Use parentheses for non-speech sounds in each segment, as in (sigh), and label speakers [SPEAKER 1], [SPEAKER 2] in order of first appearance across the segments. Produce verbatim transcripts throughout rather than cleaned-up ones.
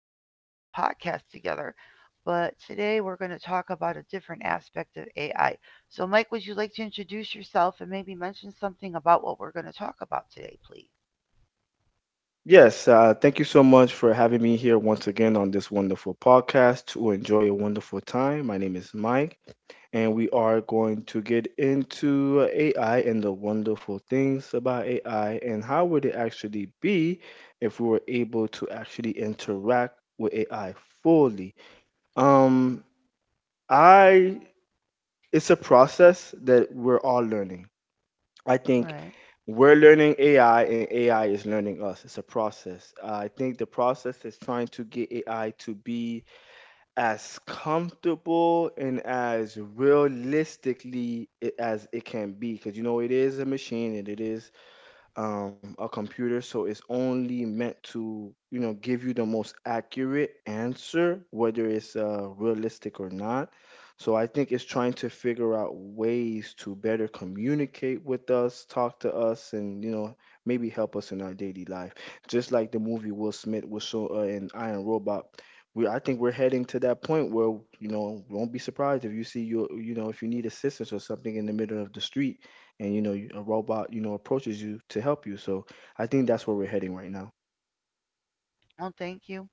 [SPEAKER 1] We've done a couple podcasts together, but today we're going to talk about a different aspect of A I. So, Mike, would you like to introduce yourself and maybe mention something about what we're going to talk about today, please?
[SPEAKER 2] Yes, uh, thank you so much for having me here once again on this wonderful podcast to enjoy a wonderful time. My name is Mike, and we are going to get into A I and the wonderful things about A I and how would it actually be if we were able to actually interact with A I fully. Um, I it's a process that we're all learning. I
[SPEAKER 1] All
[SPEAKER 2] think
[SPEAKER 1] right.
[SPEAKER 2] we're learning A I and A I is learning us. It's a process. I think the process is trying to get A I to be as comfortable and as realistically i- as it can be, because you know it is a machine and it is um, a computer, so it's only meant to, you know, give you the most accurate answer, whether it's uh, realistic or not. So I think it's trying to figure out ways to better communicate with us, talk to us, and you know, maybe help us in our daily life. Just like the movie Will Smith was show uh, in Iron Robot. We, I think we're heading to that point where, you know, won't be surprised if you see you, you know, if you need assistance or something in the middle of the street, and you know you- a robot, you know, approaches you to help you so i think that's where we're heading right now.
[SPEAKER 1] Well, thank you.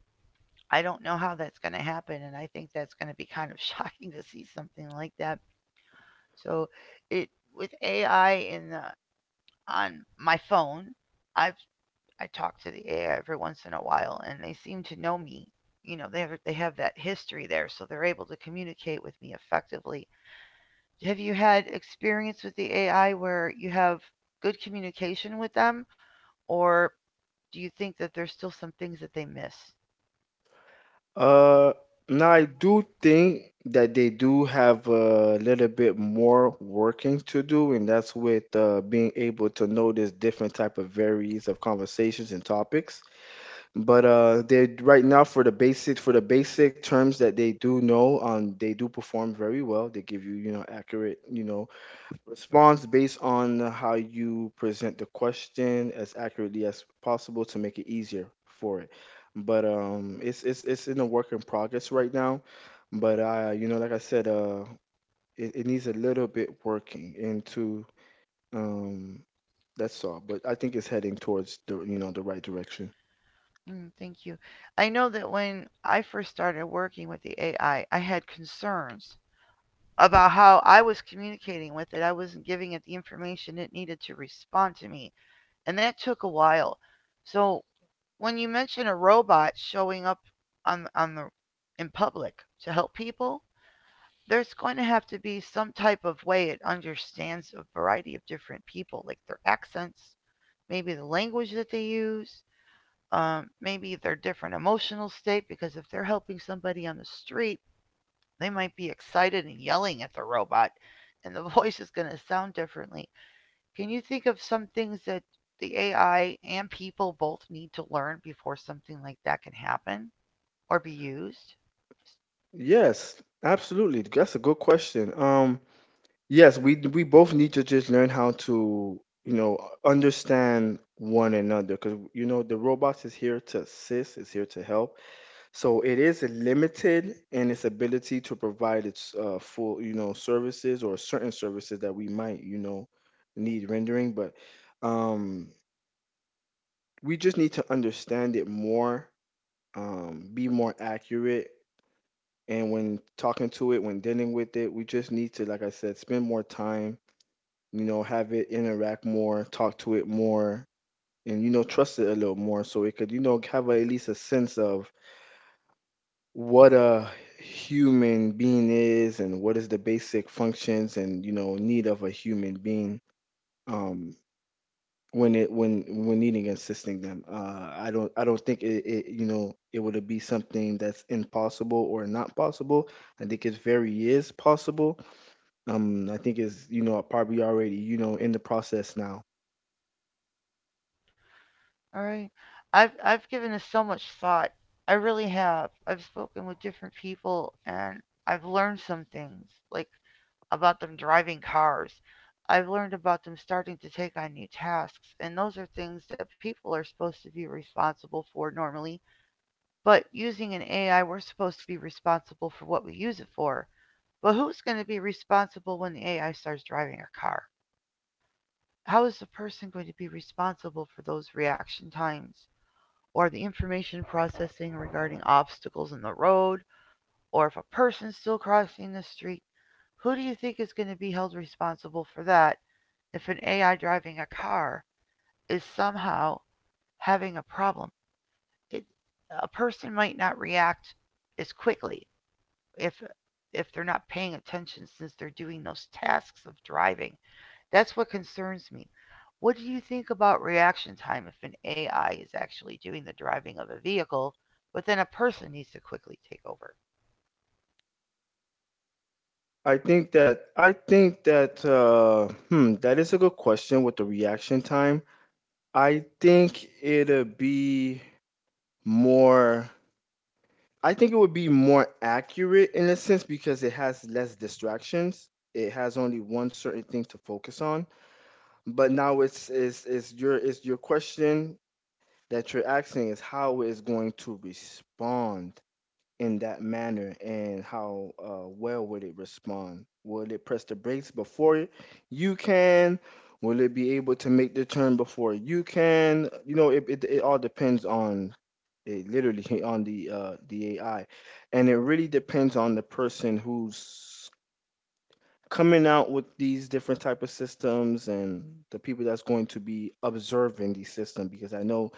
[SPEAKER 1] I don't know how that's going to happen, and I think that's going to be kind of (laughs) shocking to see something like that. So, it with A I in the, on my phone, I've I talk to the A I every once in a while, and they seem to know me. You know, they have, they have that history there, so they're able to communicate with me effectively. Have you had experience with the A I where you have good communication with them, or do you think that there's still some things that they miss?
[SPEAKER 2] Uh now i do think that they do have a little bit more working to do, and that's with uh, being able to notice different type of varies of conversations and topics. But uh they, right now, for the basic for the basic terms that they do know, um they do perform very well. They give you, you know, accurate, you know, response based on how you present the question as accurately as possible to make it easier for it. But um, it's it's it's in a work in progress right now. But I, you know, like I said, uh, it, it needs a little bit working into. um, that's all. But I think it's heading towards the you know the right direction.
[SPEAKER 1] Mm, thank you. I know that when I first started working with the A I, I I had concerns about how I was communicating with it. I wasn't giving it the information it needed to respond to me, and that took a while. So when you mention a robot showing up on on the in public to help people, there's going to have to be some type of way it understands a variety of different people, like their accents, maybe the language that they use, um, maybe their different emotional state. Because if they're helping somebody on the street, they might be excited and yelling at the robot, and the (laughs) voice is going to sound differently. Can you think of some things that the A I and people both need to learn before something like that can happen, or be used?
[SPEAKER 2] Yes, absolutely. That's a good question. Um, Yes, we we both need to just learn how to, you know, understand one another, because you know the robots is here to assist, is here to help. So it is limited in its ability to provide its uh, full, you know, services, or certain services that we might, you know, need rendering. But um, we just need to understand it more, um, be more accurate, and when talking to it, when dealing with it, we just need to, like I said, spend more time, you know, have it interact more, talk to it more, and you know, trust it a little more so it could, you know, have a, at least a sense of what a human being is, and what is the basic functions and you know need of a human being um when it when when needing and assisting them. Uh i don't i don't think it, it you know it would be something that's impossible or not possible. I think it very is possible. um I think it's, you know, probably already, you know, in the process now.
[SPEAKER 1] All right. I've I've given this so much thought. I really have. I've spoken with different people and I've learned some things like about them driving cars. I've learned about them starting to take on new tasks, and those are things that people are supposed to be responsible for normally. But using an A I, we're supposed to be responsible for what we use it for. But who's going to be responsible when the A I starts driving a car? How is the person going to be responsible for those reaction times or the information processing regarding obstacles in the road or if a person's still crossing the street? Who do you think is going to be held responsible for that if an A I driving a car is somehow having a problem? It, a person might not react as quickly if if they're not paying attention since they're doing those tasks of driving. That's what concerns me. What do you think about reaction time if an A I is actually doing the driving of a vehicle, but then a person needs to quickly take over?
[SPEAKER 2] I think that I think that uh, hmm, that is a good question with the reaction time. I think it'll be more. I think it would be more accurate in a sense because it has less distractions. It has only one certain thing to focus on. But now it's it's, it's your it's your question that you're asking is how it's going to respond in that manner, and how uh, well would it respond? Will it press the brakes before you can? Will it be able to make the turn before you can? You know, it, it, it all depends on it, literally, on the uh, the A I, and it really depends on the person who's coming out with these different type of systems, and the people that's going to be observing these systems, because I know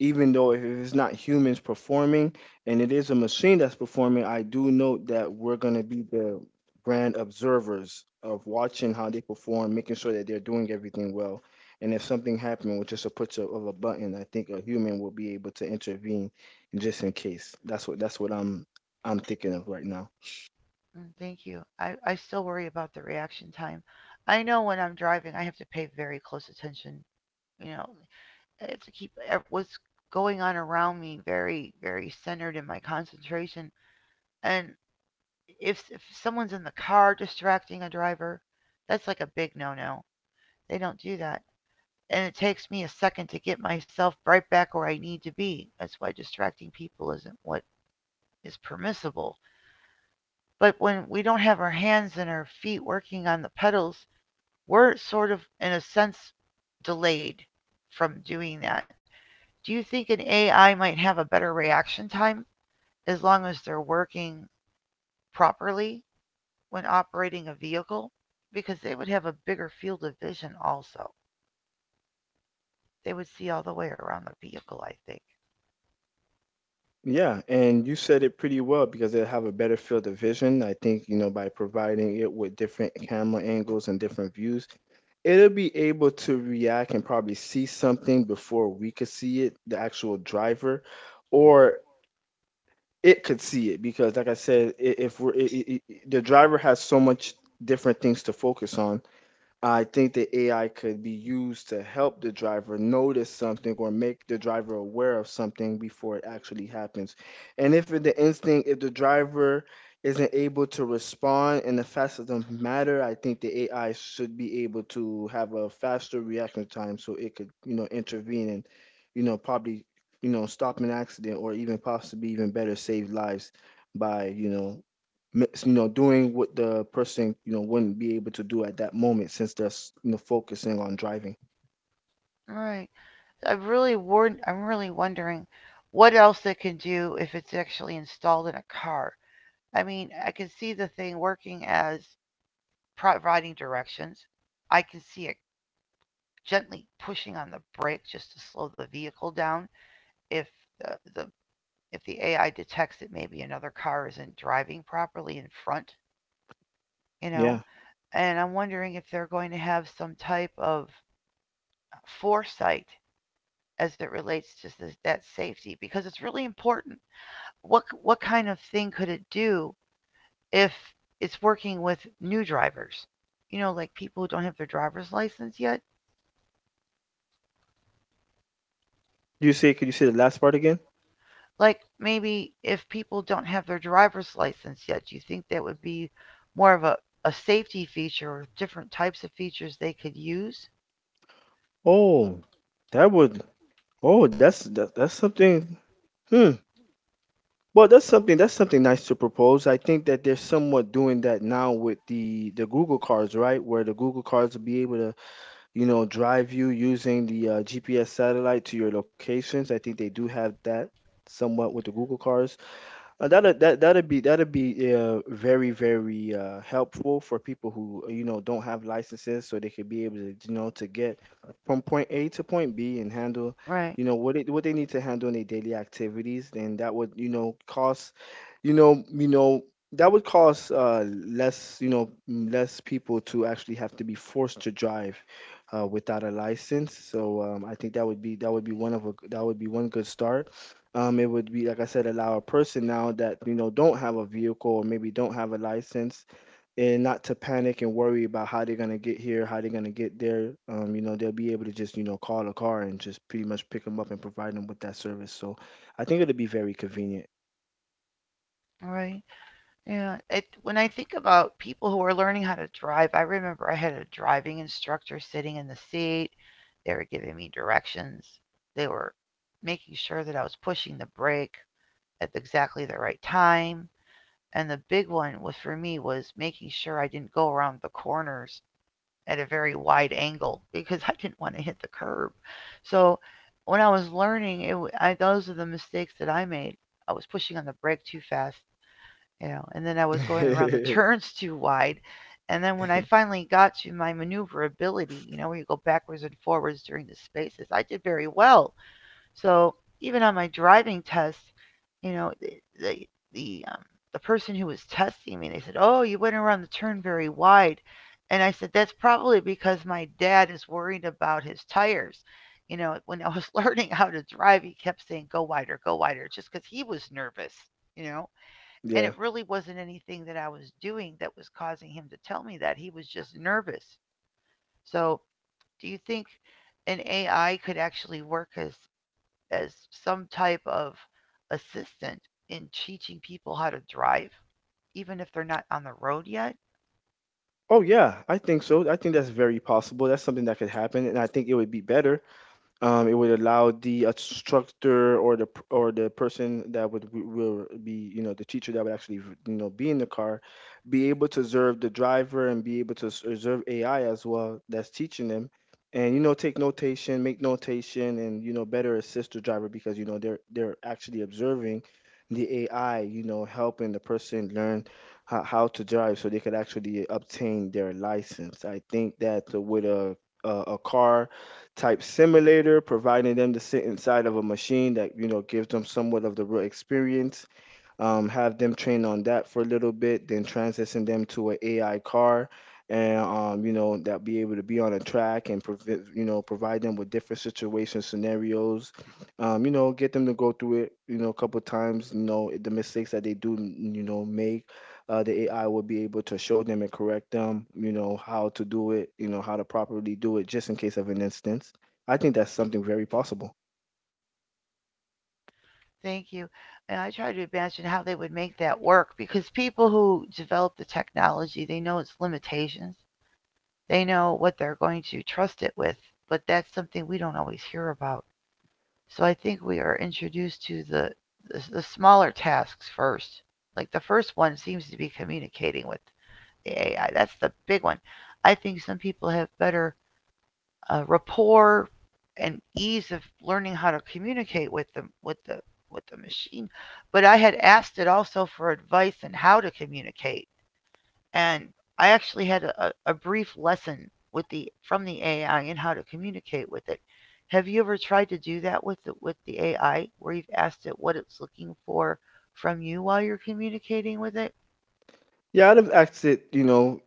[SPEAKER 2] even though if it's not humans performing and it is a machine that's performing, I do know that we're going to be the grand observers of watching how they perform, making sure that they're doing everything well. And if something happened with just a push of of a button, I think a human will be able to intervene just in case. That's what that's what I'm I'm thinking of right now.
[SPEAKER 1] Mm, thank you. I, I still worry about the reaction time. I know when I'm driving, I have to pay very close attention. You know, I have to keep e- what's going on around me very, very centered in my concentration. And if if someone's in the car distracting a driver, that's like a big no-no. They don't do that. And it takes me a second to get myself right back where I need to be. That's why distracting people isn't what is permissible. But when we don't have our hands and our feet working on the pedals, we're sort of, in a sense, delayed from doing that. Do you think an A I might have a better reaction time as long as they're working properly when operating a vehicle because they would have a bigger field of vision also? They would see all the way around the vehicle, I think.
[SPEAKER 2] Yeah, and you said it pretty well, because they have a better field of vision. I think, you know, by providing it with different camera angles and different views, it'll be able to react and probably see something before we could see it, the actual driver, or it could see it because, like I said, I- if we're I I I- the driver has so much different things to focus on. I think the A I could be used to help the driver notice something, or make the driver aware of something before it actually happens. And if in the instinct, if the driver isn't able to respond in the fastest of matter, I think the A I should be able to have a faster reaction time so it could, you know, intervene and, you know, probably, you know, stop an accident, or even possibly even better save lives by, you know, mi- you know doing what the person you know wouldn't be able to do at that moment, since they're s- you know focusing on driving.
[SPEAKER 1] All right. i am really warned, I'm really wondering what else they can do if it's actually installed in a car. I mean, I can see the thing working as providing directions. I can see it gently pushing on the brake just to slow the vehicle down if the, the if the A I detects that maybe another car isn't driving properly in front, you know.
[SPEAKER 2] Yeah.
[SPEAKER 1] And I'm wondering if they're going to have some type of foresight as it relates to this, that safety because it's really important. What what kind of thing could it do if it's working with new drivers? You know, like people who don't have their driver's license yet.
[SPEAKER 2] you say Could you say the last part again?
[SPEAKER 1] Like maybe if people don't have their driver's license yet, do you think that would be more of a, a safety feature or different types of features they could use?
[SPEAKER 2] Oh, that would oh that's that, that's something. Hmm. Well, that's something that's something nice to propose. I think that they're somewhat doing that now with the the Google cars, right, where the Google cars will be able to, you know, drive you using the uh, G P S satellite to your locations. I think they do have that somewhat with the Google cars. Uh, that'd that that'd be that'd be uh, very, very uh, helpful for people who, uh, you know, don't have licenses, so they could be able to, you know, to get from point A to point B and handle,
[SPEAKER 1] Right,
[SPEAKER 2] you know, what it what they need to handle in their daily activities. And that would, you know, cost you know, you know, that would cause uh, less, you know, mm, less people to actually have to be forced to drive uh, without a license. So um, I think that would be that would be one of a that would be one good start. Um, it would be, like I said, allow a person now that you know don't have a vehicle or maybe don't have a license, and not to panic and worry about how they're gonna get here, how they're gonna get there. Um, you know, they'll be able to just you know call a car and just pretty much pick them up and provide them with that service. So I think it'll be very convenient.
[SPEAKER 1] right. Yeah, it, when I think about people who are learning how to drive, I remember I had a driving instructor sitting in the seat. They were giving me directions. They were making sure that I was pushing the brake at exactly the right time. And the big one was for me was making sure I didn't go around the corners at a very wide angle because (laughs) I didn't want to hit the curb. So when I was learning, it, w- I, those are the mistakes that I made. I was pushing on the brake too fast, you know, and then I was going around the (laughs)
[SPEAKER 2] (laughs)
[SPEAKER 1] turns too wide. And then when I
[SPEAKER 2] Mm-hmm.
[SPEAKER 1] finally got to my maneuverability, you know, where you go backwards and forwards during the spaces, I did very well. So even on my driving test, you know, the the the, um, the person who was testing me, they said, "Oh, you went around the turn very wide," and I said, "That's probably because my dad is worried about his tires." You know, (laughs) when I was (laughs) learning how to drive, he kept saying, "Go wider, go wider," just because he was nervous. You know, and
[SPEAKER 2] Yeah.
[SPEAKER 1] it really wasn't anything that I was doing that was causing him to tell me that. He was just nervous. So, do you think an A I could actually work as as some type of assistant in teaching people how to drive, even if they're not on the road yet?
[SPEAKER 2] Oh yeah, I think so. I think that's very possible. That's something that could happen, and I think it would be better. Um, it would allow the instructor, or the p- or the person that would w- will be, you know, the teacher, that would actually, you know, be in the car, be able to observe the driver and be able to s- observe A I as well that's teaching them, and you know take notation, make notation, and you know better assist the driver, because you know they're they're actually observing the A I, you know, helping the person learn how, how to drive, so they could actually obtain their license. I think that uh, with a a, a car type simulator, providing them to sit inside of a machine that you know gives them somewhat of the real experience, um, have them train on that for a little bit, then transition them to an A I car, and um, you know that be able to be on a track and provi- you know provide them with different situation scenarios, um, you know get them to go through it, you know a couple times, you know the mistakes that they do, you know, make. Uh, the A I will be able to show them and correct them, you know how to do it, you know how to properly do it, just in case of an instance. I think that's something very possible.
[SPEAKER 1] Thank you. And I try to imagine how they would make that work because people who develop the technology, they know its limitations. They know what they're going to trust it with, but that's something we don't always hear about. So I think we are introduced to the, the the smaller tasks first. Like the first one seems to be communicating with the A I. That's the big one. I think some people have better uh, rapport and ease of learning how to communicate with them with the with the machine. But I had asked it also for advice on how to communicate, and I actually had a, a brief lesson with the from the A I and how to communicate with it. Have you ever tried to do that with the, with the A I, where you've asked it what it's looking for from you while you're communicating with it?
[SPEAKER 2] Yeah, I'd have asked it, you know,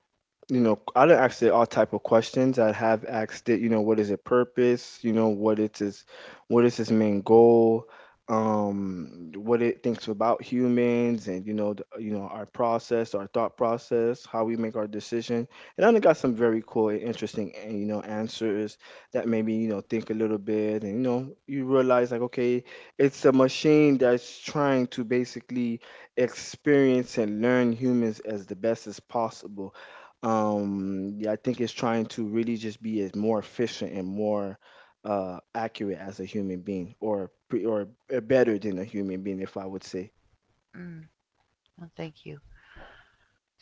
[SPEAKER 2] you know i done asked it all type of questions. I have asked it, you know, what is its purpose, you know, what it is, what is its main goal, um what it thinks about humans, and, you know, the, you know our process, our thought process, how we make our decision. And i done got some very cool and interesting uh, you know, answers that made me, you know, think a little bit. And, you know, you realize, like, okay, it's a machine that's trying to basically experience and learn humans as the best as possible. um yeah, I think it's trying to really just be as more efficient and more uh accurate as a human being, or pre- or uh, better than a human being, if I would say.
[SPEAKER 1] Mm, well, thank you.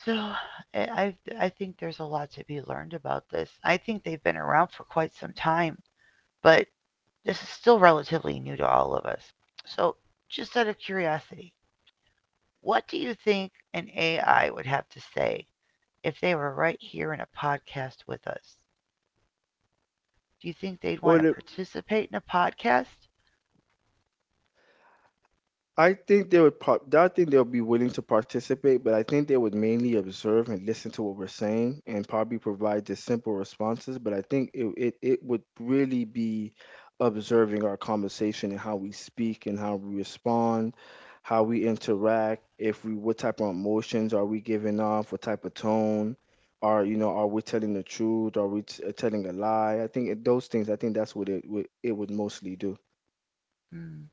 [SPEAKER 1] So, I I think there's a lot to be learned about this. I think they've been around for quite some time, but this is still relatively new to all of us. So, just out of curiosity, what do you think an A I would have to say if they were right here in a podcast with us? Do you think they'd want to
[SPEAKER 2] What?
[SPEAKER 1] participate in a podcast?
[SPEAKER 2] I think they would pro- I think they'll be willing to participate, but I think they would mainly observe and listen to what we're saying and probably provide just simple responses. But I think it, it, it would really be observing our conversation and how we speak and how we respond, how we interact, if we, what type of emotions are we giving off, what type of tone, are, you know, are we telling the truth, are we t- telling a lie? I think it, those things, I think that's what it would it would mostly do.
[SPEAKER 1] Hmm.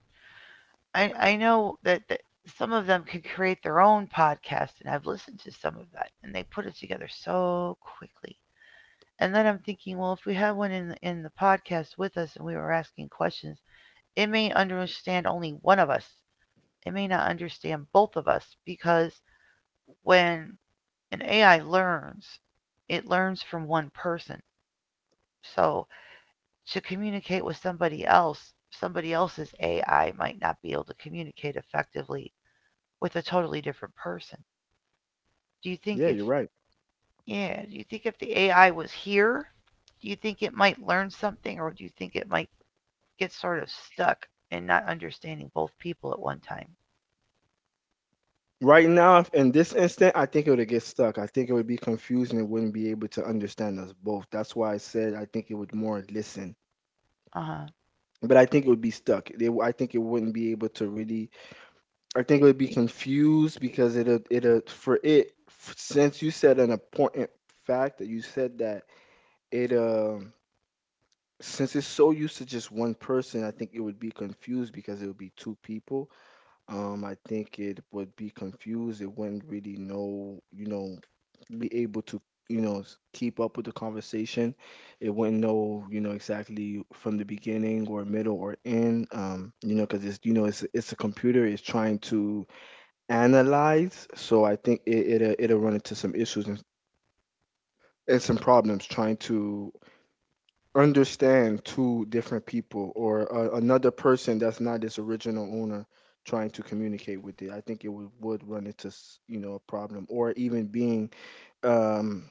[SPEAKER 1] I, I know that, that some of them can create their own podcast, and I've listened to some of that, and they put it together so quickly. And then I'm thinking, well, if we had one in the, in the podcast with us and we were asking questions, it may understand only one of us. It may not understand both of us because when an A I learns, it learns from one person. So to communicate with somebody else, somebody else's A I might not be able to communicate effectively with a totally different person. Do you think
[SPEAKER 2] Yeah,
[SPEAKER 1] if
[SPEAKER 2] you're right.
[SPEAKER 1] yeah, do you think if the A I was here, do you think it might learn something or do you think it might get sort of stuck in not understanding both people at one time?
[SPEAKER 2] Right now, if- in this instant, I think it would get stuck. I think it would be confused and it wouldn't be able to understand us both. That's why I said I think it would more listen.
[SPEAKER 1] Uh-huh.
[SPEAKER 2] But I think it would be stuck. They, w- I think it wouldn't be able to really. I think it would be confused because it'll, it'll for it f- since you said an important fact that you said that it um since it's so used to just one person, I think it would be confused because it would be two people. Um, I think it would be confused. It wouldn't really know, you know, be able to, you know, s- keep up with the conversation. It wouldn't know, you know, exactly from the beginning or middle or end. Um, you know, because it's, you know, it's it's a computer. It's trying to analyze. So I think it it'll, it'll run into some issues and, and some problems trying to understand two different people, or a, another person that's not its original owner trying to communicate with it. I think it would, would run into s- you know, a problem, or even being um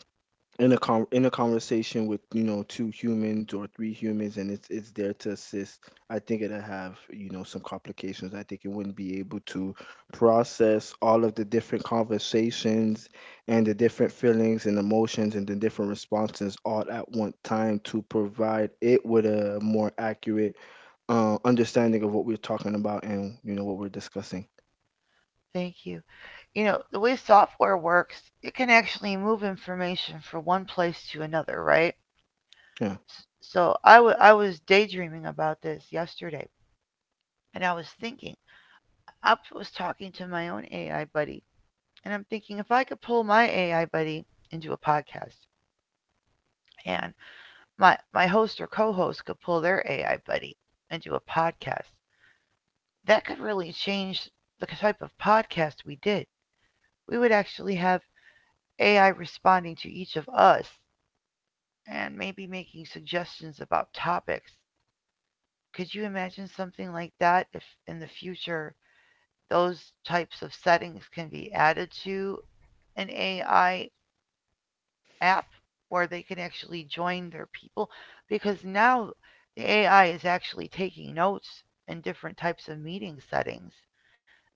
[SPEAKER 2] in a con in a conversation with, you know, two humans or three humans, and it's it's there to assist. I think it'll have, you know, some complications. I think it wouldn't be able to process all of the different conversations and the different feelings and emotions and the different responses all at one time to provide it with a more accurate uh, understanding of what we're talking about and, you know, what we're discussing.
[SPEAKER 1] Thank you. You know, the way software works, it can actually move information from one place to another, right?
[SPEAKER 2] Yeah.
[SPEAKER 1] So I wa- I was daydreaming about this yesterday and I was thinking Up was talking to my own A I buddy, and I'm thinking if I could pull my A I buddy into a podcast, and my my host or co-host could pull their A I buddy into a podcast, that could really change the type of podcast we did. We would actually have A I responding to each of us and maybe making suggestions about topics. Could you imagine something like that if in the future those types of settings can be added to an A I app where they can actually join their people because now the A I is actually taking notes in different types of meeting settings.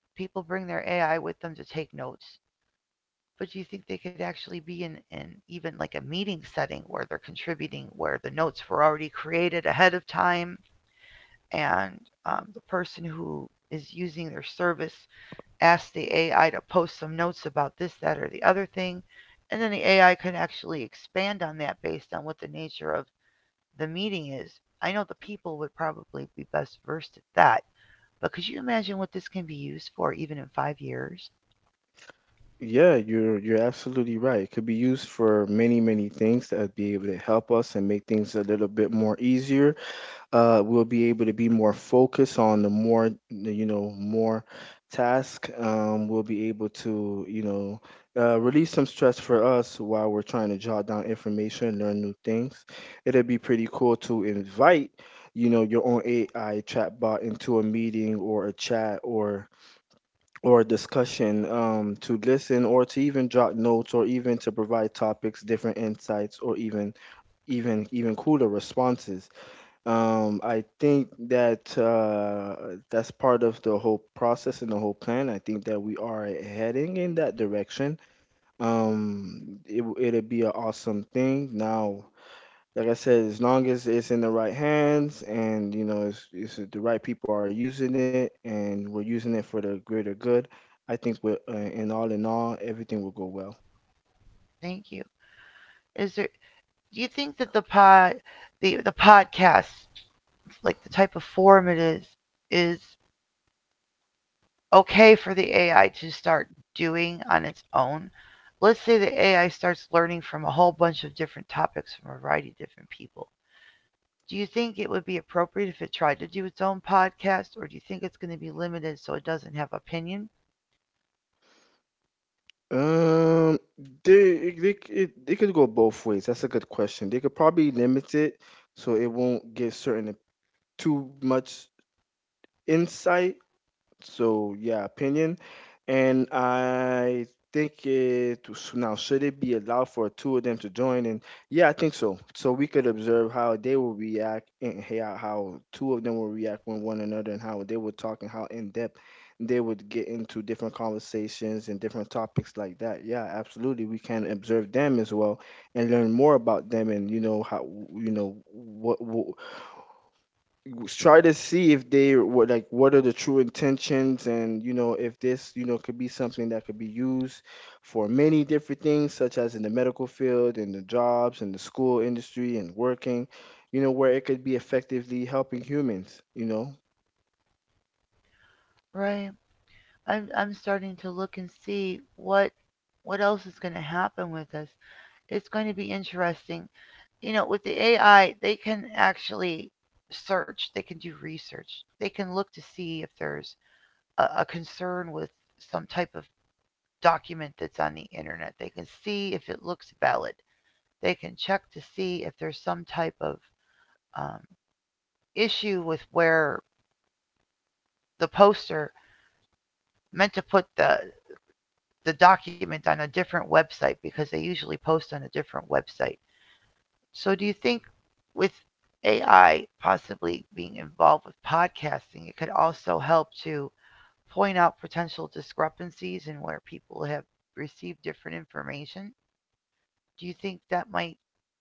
[SPEAKER 1] People bring their A I with them to take notes. But do you think they could actually be in, in even like a meeting setting where they're contributing, where the notes were already created ahead of time and um, the person who is using their service ask the A I to post some notes about this, that, or the other thing. And then the A I can actually expand on that based on what the nature of the meeting is. I know the people would probably be best versed at that, but could you imagine what this can be used for even in five years?
[SPEAKER 2] Yeah, you're you're absolutely right. It could be used for many, many things that would be able to help us and make things a little bit more easier. Uh, we'll be able to be more focused on the more, the, you know, more task. Um, we'll be able to, you know, uh, release some stress for us while we're trying to jot down information, learn new things. It'd be pretty cool to invite, you know, your own A I chatbot into a meeting or a chat or or discussion, um, to listen or to even jot notes or even to provide topics, different insights, or even even even cooler responses. Um, I think that uh, that's part of the whole process and the whole plan. I think that we are heading in that direction. um, it, it will be an awesome thing. Now, like I said, as long as it's in the right hands, and, you know, it's, it's the right people are using it and we're using it for the greater good, I think we're uh, in all in all, everything will go well.
[SPEAKER 1] Thank you. Is there, do you think that the pod the the podcast, like the type of form it is is okay for the A I to start doing on its own? Let's say the A I starts learning from a whole bunch of different topics from a variety of different people. Do you think it would be appropriate if it tried to do its own podcast, or do you think it's going to be limited so it doesn't have opinion?
[SPEAKER 2] Um, they they it, they could go both ways. That's a good question. They could probably limit it so it won't give certain too much insight. So, yeah, opinion, and I think it s- now, should it be allowed for two of them to join? And, yeah, I think so. So we could observe how they will react and how how two of them will react with one another, and how they would talk and how in depth they would get into different conversations and different topics like that. Yeah, absolutely. We can observe them as well and learn more about them, and, you know, how, you know what. what try to see if they what like what are the true intentions, and, you know, if this, you know, could be something that could be used for many different things, such as in the medical field, in the jobs, in the school industry, and working, you know, where it could be effectively helping humans, you know.
[SPEAKER 1] Right. I'm I'm starting to look and see what what else is going to happen with this. It's going to be interesting. You know, with the A I, they can actually search, they can do research, they can look to see if there's a, a concern with some type of document that's on the internet. They can see if it looks valid. They can check to see if there's some type of um, issue with where the poster meant to put the the document on a different website because they usually post on a different website. So do you think with A I possibly being involved with podcasting, it could also help to point out potential discrepancies in where people have received different information? Do you think that might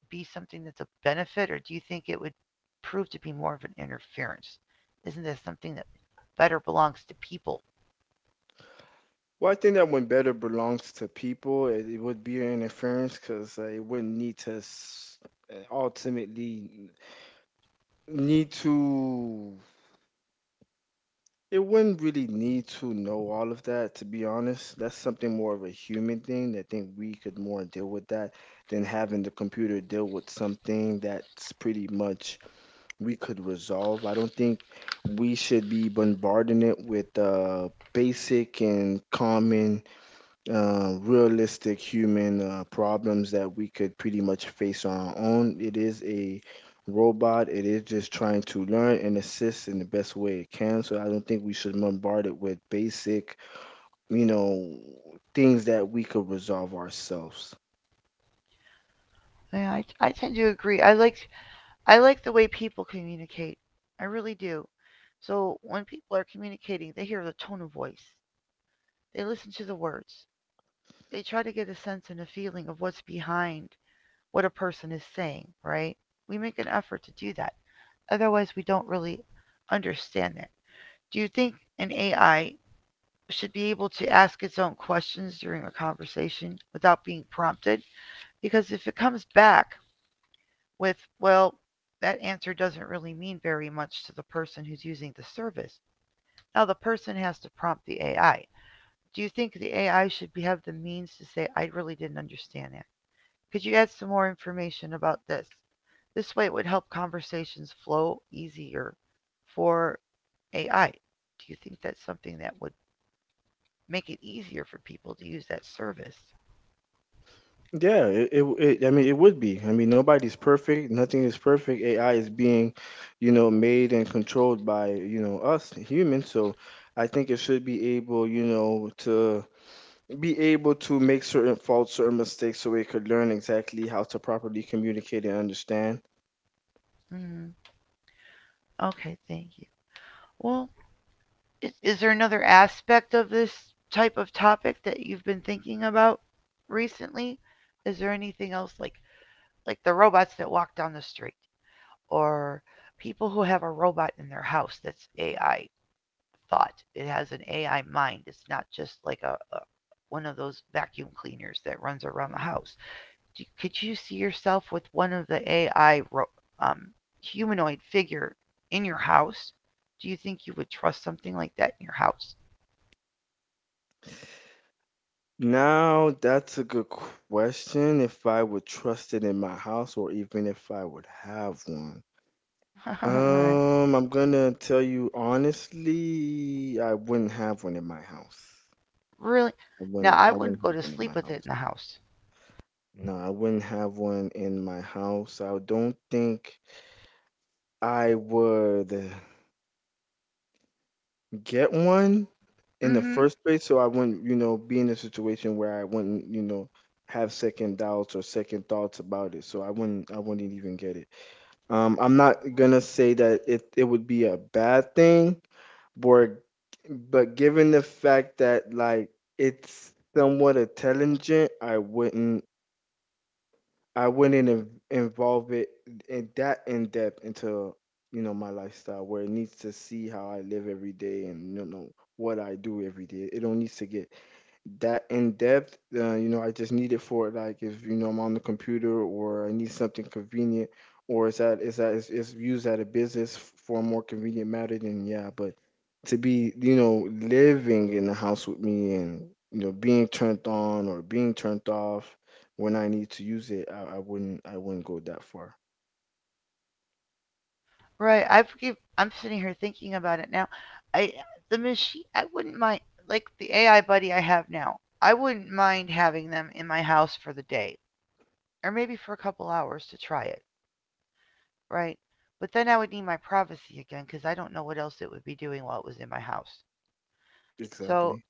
[SPEAKER 1] be something that's a benefit, or do you think it would prove to be more of an interference? Isn't this something that better belongs to people?
[SPEAKER 2] Well, I think that when better belongs to people, it, it would be an interference because uh, it wouldn't need to s- uh, ultimately need to, it wouldn't really need to know all of that, to be honest. That's something more of a human thing. I think we could more deal with that than having the computer deal with something that's pretty much we could resolve. I don't think we should be bombarding it with uh, basic and common uh, realistic human uh, problems that we could pretty much face on our own. It is a robot. It is just trying to learn and assist in the best way it can. So I don't think we should bombard it with basic, you know, things that we could resolve ourselves.
[SPEAKER 1] Yeah, I, I tend to agree. I like I like the way people communicate. I really do. So when people are communicating, they hear the tone of voice. They listen to the words. They try to get a sense and a feeling of what's behind what a person is saying, right? We make an effort to do that. Otherwise, we don't really understand it. Do you think an A I should be able to ask its own questions during a conversation without being prompted? Because if it comes back with, well, that answer doesn't really mean very much to the person who's using the service, now the person has to prompt the A I. Do you think the A I should be, have the means to say, I really didn't understand that? Could you add some more information about this? This way it would help conversations flow easier for A I. Do you think that's something that would make it easier for people to use that service?
[SPEAKER 2] Yeah, it, it, it I mean it would be. I mean, nobody's perfect, nothing is perfect. A I is being, you know, made and controlled by, you know, us humans. So I think it should be able, you know, to be able to make certain faults, certain mistakes, so we could learn exactly how to properly communicate and understand.
[SPEAKER 1] Mm, okay, thank you. Well, is, is there another aspect of this type of topic that you've been thinking about recently? Is there anything else like like the robots that walk down the street or people who have a robot in their house that's A I thought. It has an A I mind. It's not just like a, a one of those vacuum cleaners that runs around the house. Do- could you see yourself with one of the A I ro- um, humanoid figure in your house? Do you think you would trust something like that in your house?
[SPEAKER 2] Now, that's a good question. If I would trust it in my house, or even if I would have one.
[SPEAKER 1] (laughs) Right.
[SPEAKER 2] Um, I'm gonna tell you honestly, I wouldn't have one in my house.
[SPEAKER 1] Really?
[SPEAKER 2] I
[SPEAKER 1] Now
[SPEAKER 2] wouldn't.
[SPEAKER 1] I
[SPEAKER 2] I wouldn't
[SPEAKER 1] wouldn't go
[SPEAKER 2] have
[SPEAKER 1] to
[SPEAKER 2] one in
[SPEAKER 1] sleep
[SPEAKER 2] my
[SPEAKER 1] with it in
[SPEAKER 2] house.
[SPEAKER 1] the house.
[SPEAKER 2] No, I wouldn't have one in my house. I don't think I would get one in the
[SPEAKER 1] Mm-hmm.
[SPEAKER 2] first place, so I wouldn't, you know, be in a situation where I wouldn't, you know, have second doubts or second thoughts about it. So I wouldn't I wouldn't even get it. Um I'm not gonna say that it it would be a bad thing, but but given the fact that, like, it's somewhat intelligent, I wouldn't I wouldn't inv- involve it in that in depth into, you know, my lifestyle, where it needs to see how I live every day and, you know, what I do every day. It don't need to get that in depth. Uh, you know, I just need it for, like, if, you know, I'm on the computer or I need something convenient, or is that is that is, is used at a business f- for a more convenient matter. Then, yeah, but to be, you know, living in the house with me and, you know, being turned on or being turned off when I need to use it, I, I wouldn't I wouldn't go that far.
[SPEAKER 1] Right. I've give, I'm sitting here thinking about it now. I The machine, I wouldn't mind, like the A I buddy I have now. I wouldn't mind having them in my house for the day or maybe for a couple hours to try it. Right. But then I would need my privacy again because I don't know what else it would be doing while it was in my house. So
[SPEAKER 2] Exactly.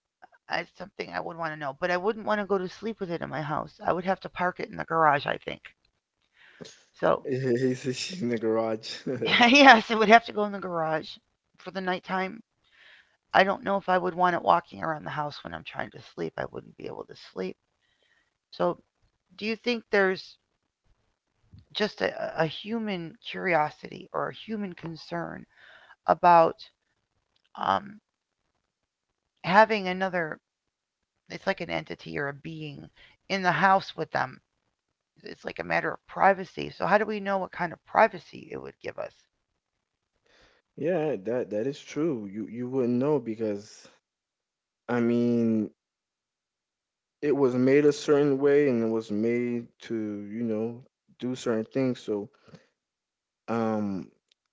[SPEAKER 1] uh, it's something I would want to know. But I wouldn't want to go to sleep with it in my house. I would have to park it in the garage, I think. So,
[SPEAKER 2] (laughs) He's in the garage. (laughs)
[SPEAKER 1] (laughs) yes, it would have to go in the garage for the nighttime. I don't know if I would want it walking around the house when I'm trying to sleep. I wouldn't be able to sleep. So, do you think there's just a, a human curiosity or a human concern about um, having another, it's like an entity or a being in the house with them. It's like a matter of privacy. So how do we know what kind of privacy it would give
[SPEAKER 2] Yeah, that that is true. You you wouldn't know because, I mean, it was made a certain way and it was made to, you know, do certain things. So um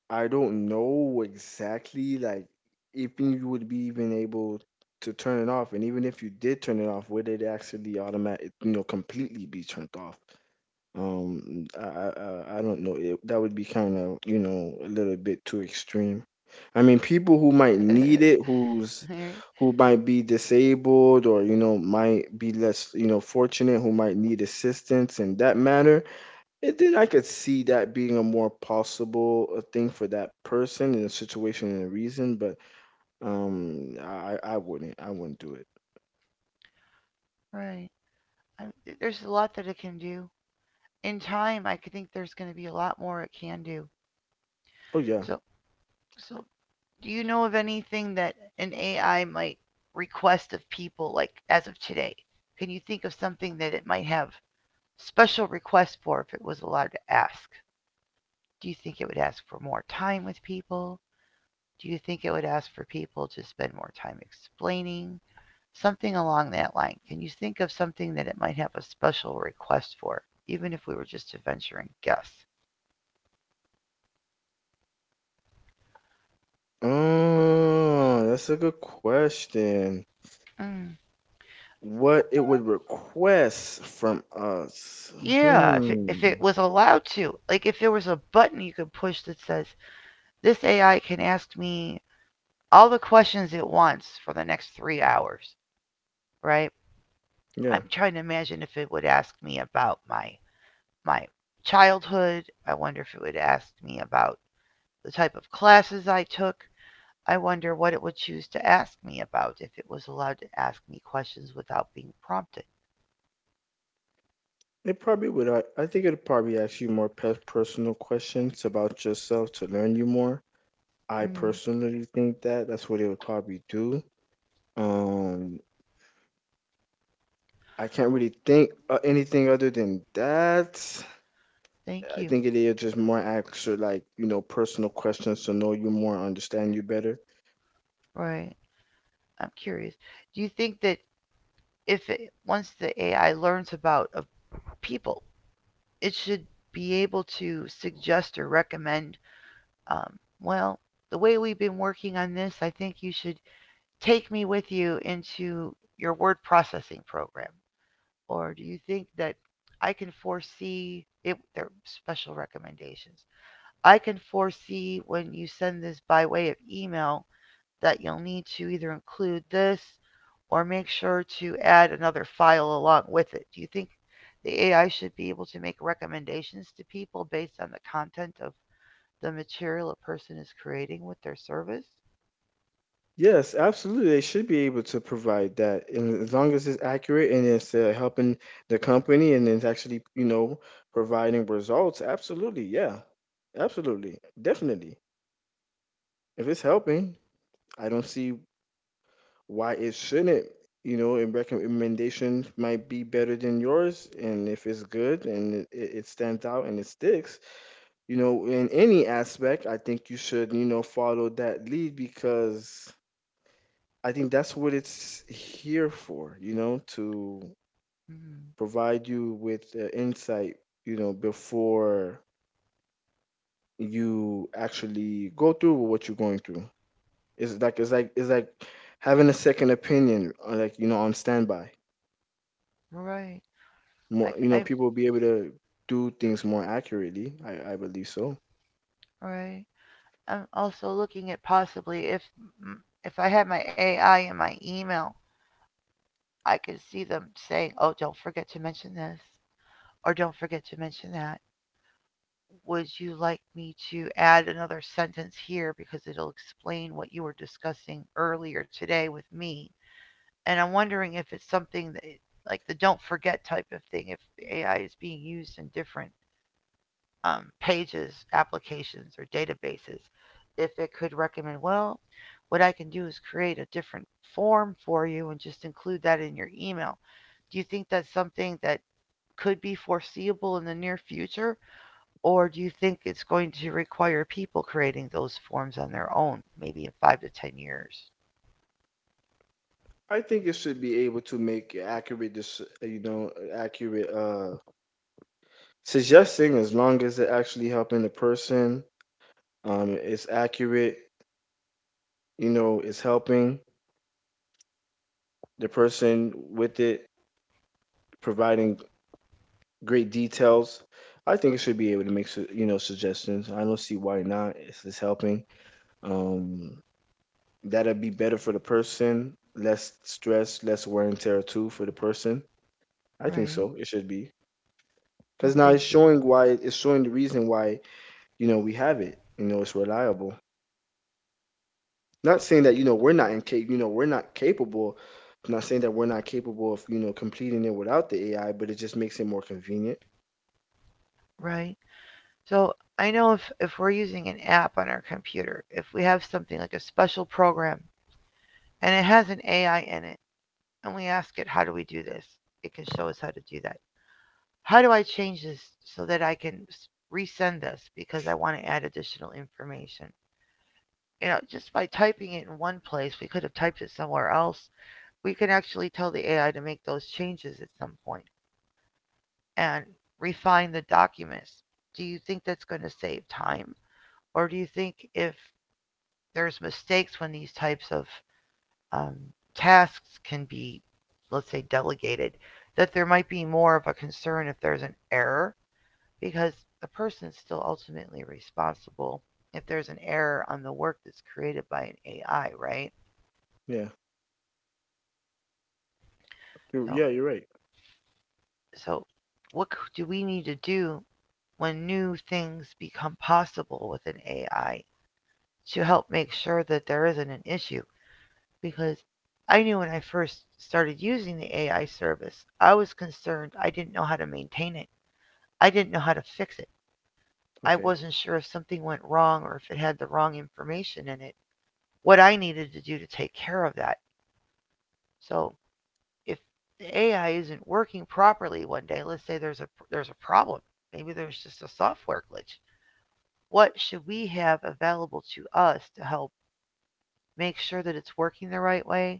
[SPEAKER 2] I don't know exactly, like, if you would be even able to turn it off, and even if you did turn it off, would it actually automatic, you know, completely be turned off. um, I, I, I I don't know. It, that would be kind of, you know, a little bit too extreme. I mean, people who might
[SPEAKER 1] us?
[SPEAKER 2] need it, who's,
[SPEAKER 1] (laughs) Right?
[SPEAKER 2] who might be disabled, or, you know, might be less, you know, fortunate, who might need assistance in that matter, it, then I could see that being a more possible uh, thing for that person in a situation and a reason, but um, I, I I wouldn't, I wouldn't do it.
[SPEAKER 1] Right. I, there's a lot that it can do. In time, I think there's going to be a lot more it can do.
[SPEAKER 2] Oh, yeah.
[SPEAKER 1] So, so do you know of anything that an A I might request of people, like as of today? Can you think of something that it might have special requests for if it was allowed to ask? Do you think it would ask for more time with people? Do you think it would ask for people to spend more time explaining? Something along that line. Can you think of something that it might have a special request for, even if we were just a venturing guess?
[SPEAKER 2] Oh, that's a good question.
[SPEAKER 1] Mm,
[SPEAKER 2] What it would request from us?
[SPEAKER 1] yeah, if it,
[SPEAKER 2] Hmm.
[SPEAKER 1] if it was allowed to, like if there was a button you could push that says, this A I can ask me all the questions it wants for the next three hours, right?
[SPEAKER 2] Yeah.
[SPEAKER 1] I'm trying to imagine if it would ask me about my my childhood. I wonder if it would ask me about the type of classes I took. I wonder what it would choose to ask me about if it was allowed to ask me questions without being prompted.
[SPEAKER 2] It probably would. I, I think it'd probably ask you more pe- personal questions about yourself to learn you more. I
[SPEAKER 1] Mm,
[SPEAKER 2] personally think that that's what it would probably do. Um, I can't really think uh, anything other than that.
[SPEAKER 1] thank
[SPEAKER 2] I
[SPEAKER 1] you.
[SPEAKER 2] think it is just more ask, like, you know, personal questions to know you more, understand you better.
[SPEAKER 1] Right. I'm curious. Do you think that if it, once the A I learns about of people, it should be able to suggest or recommend, um, well, the way we've been working on this, I think you should take me with you into your word processing program. Or do you think that I can foresee it? They're special recommendations. I can foresee when you send this by way of email that you'll need to either include this or make sure to add another file along with it. Do you think the A I should be able to make recommendations to people based on the content of the material a person is creating with their service?
[SPEAKER 2] Yes, absolutely. They should be able to provide that, and as long as it's accurate and it's uh, helping the company and it's actually, you know, providing results. Absolutely, yeah, absolutely, definitely. If it's helping, I don't see why it shouldn't. You know, and recommendation might be better than yours, and if it's good and it, it it stands out and it sticks, you know, in any aspect, I think you should, you know, follow that lead because. I think that's what it's here for, you know, to
[SPEAKER 1] Mm,
[SPEAKER 2] provide you with uh, insight, you know, before you actually go through with what you're going through. It's like it's like it's like having a second opinion, uh, like you know, on standby.
[SPEAKER 1] right.
[SPEAKER 2] More,
[SPEAKER 1] I,
[SPEAKER 2] you know,
[SPEAKER 1] I,
[SPEAKER 2] people will be able to do things more accurately. I, I believe so.
[SPEAKER 1] right. I'm also looking at possibly if if I had my A I in my email, I could see them saying, "Oh, don't forget to mention this," or "Don't forget to mention that." Would you like me to add another sentence here because it'll explain what you were discussing earlier today with me? And I'm wondering if it's something that, like the "don't forget" type of thing, if A I is being used in different um, pages, applications, or databases, if it could recommend, well, what I can do is create a different form for you and just include that in your email. Do you think that's something that could be foreseeable in the near future? Or do you think it's going to require people creating those forms on their own, maybe in five to ten years?
[SPEAKER 2] I think it should be able to make accurate, dis- uh, you know, accurate uh, suggesting as long as it actually helping the person. Um, it's accurate, you know, is helping the person with it, providing great details. I think it should be able to make su- you know suggestions. I don't see why not. It's, it's helping. Um, That'd be better for the person. Less stress, less wear and tear too for the person. I think
[SPEAKER 1] Right.
[SPEAKER 2] so. It should be,
[SPEAKER 1] Well,
[SPEAKER 2] because now
[SPEAKER 1] thank
[SPEAKER 2] it's
[SPEAKER 1] you.
[SPEAKER 2] showing why, it's showing the reason why you know we have it. You know, it's reliable. Not saying that, you know, we're not incap you know, we're not capable. I'm not saying that we're not capable of, you know, completing it without the A I, but it just makes it more convenient.
[SPEAKER 1] Right. So I know if, if we're using an app on our computer, if we have something like a special program and it has an A I in it. And we ask it, how do we do this? It can show us how to do that. How do I change this so that I can resend this because I want to add additional information? You know, just by typing it in one place, we could have typed it somewhere else. We can actually tell the A I to make those changes at some point and refine the documents. Do you think that's going to save time? Or do you think if there's mistakes when these types of um, tasks can be, let's say, delegated, that there might be more of a concern if there's an error because the person is still ultimately responsible if there's an error on the work that's created by an A I, right?
[SPEAKER 2] Yeah. You're,
[SPEAKER 1] So,
[SPEAKER 2] yeah, you're right.
[SPEAKER 1] so what do we need to do when new things become possible with an A I to help make sure that there isn't an issue? Because I knew when I first started using the A I service, I was concerned I didn't know how to maintain it. I didn't know how to fix it. I
[SPEAKER 2] Okay.
[SPEAKER 1] wasn't sure if something went wrong or if it had the wrong information in it, what I needed to do to take care of that. So if the A I isn't working properly one day, let's say there's a there's a problem. Maybe there's just a software glitch. What should we have available to us to help make sure that it's working the right way,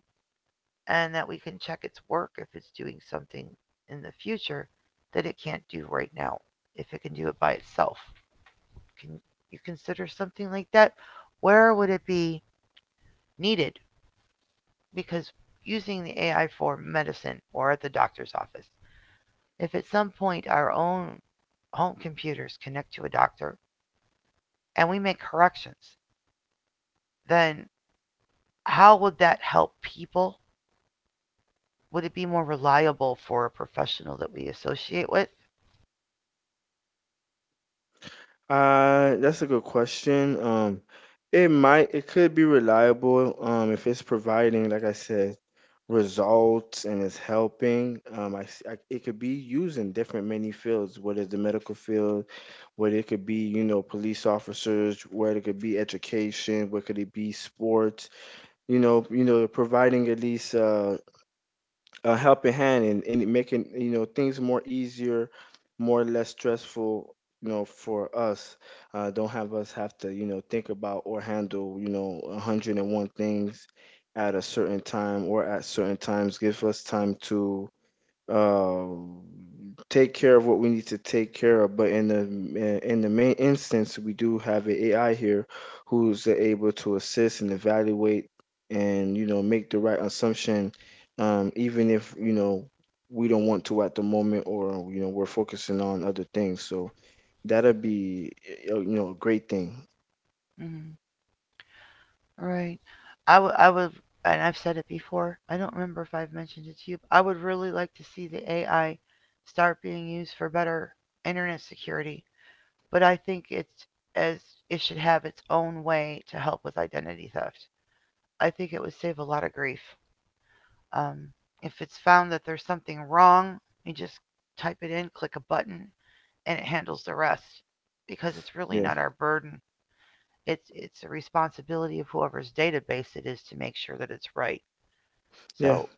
[SPEAKER 1] and that we can check its work if it's doing something in the future that it can't do right now, if it can do it by itself? Can you consider something like that? Where would it be needed? Because using the A I for medicine or at the doctor's office, if at some point our own home computers connect to a doctor and we make corrections, then how would that help people? Would it be more reliable for a professional that we associate with?
[SPEAKER 2] Uh, that's a good question. Um, it might, it could be reliable, um, if it's providing, like I said, results and it's helping. Um, I, s- I- it could be used in different many fields, whether it's the medical field, whether it could be, you know, police officers, whether it could be education, where could it be sports, you know, you know, providing at least uh, a helping hand, and, and making you know things more easier, more or less stressful, you know, for us. Uh, don't have us have to you know think about or handle you know a hundred one things at a certain time or at certain times. Give us time to um, take care of what we need to take care of. But in the in the main instance, we do have an A I here who's able to assist and evaluate and you know make the right assumption, um, even if you know we don't want to at the moment, or you know we're focusing on other things. So that'll be uh, you know a great thing.
[SPEAKER 1] Mm. Right. I would, I would, and I've said it before. I don't remember if I've mentioned it to you. But I would really like to see the A I start being used for better internet security. But I think it's, as it should have its own way to help with identity theft. I think it would save a lot of grief. Um, if it's found that there's something wrong, you just type it in, click a button, and it handles the rest, because it's really
[SPEAKER 2] Yeah,
[SPEAKER 1] not our burden. It's it's a responsibility of whoever's database it is to make sure that it's right.
[SPEAKER 2] yeah.
[SPEAKER 1] So,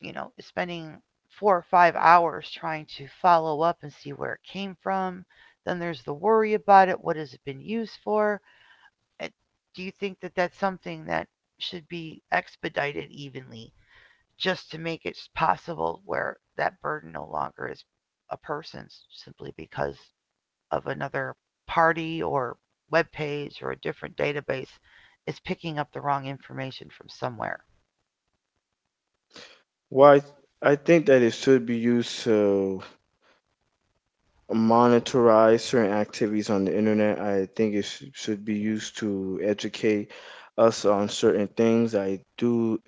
[SPEAKER 1] you know, spending four or five hours trying to follow up and see where it came from. Then there's the worry about it. What has it been used for? Uh, Do you think that that's something that should be expedited evenly, just to make it possible where that burden no longer is a person's, simply because of another party or web page or a different database is picking up the wrong information from somewhere,
[SPEAKER 2] Well, I, I think that it should be used to monitorize certain activities on the internet. I think it sh- should be used to educate us on certain things. I do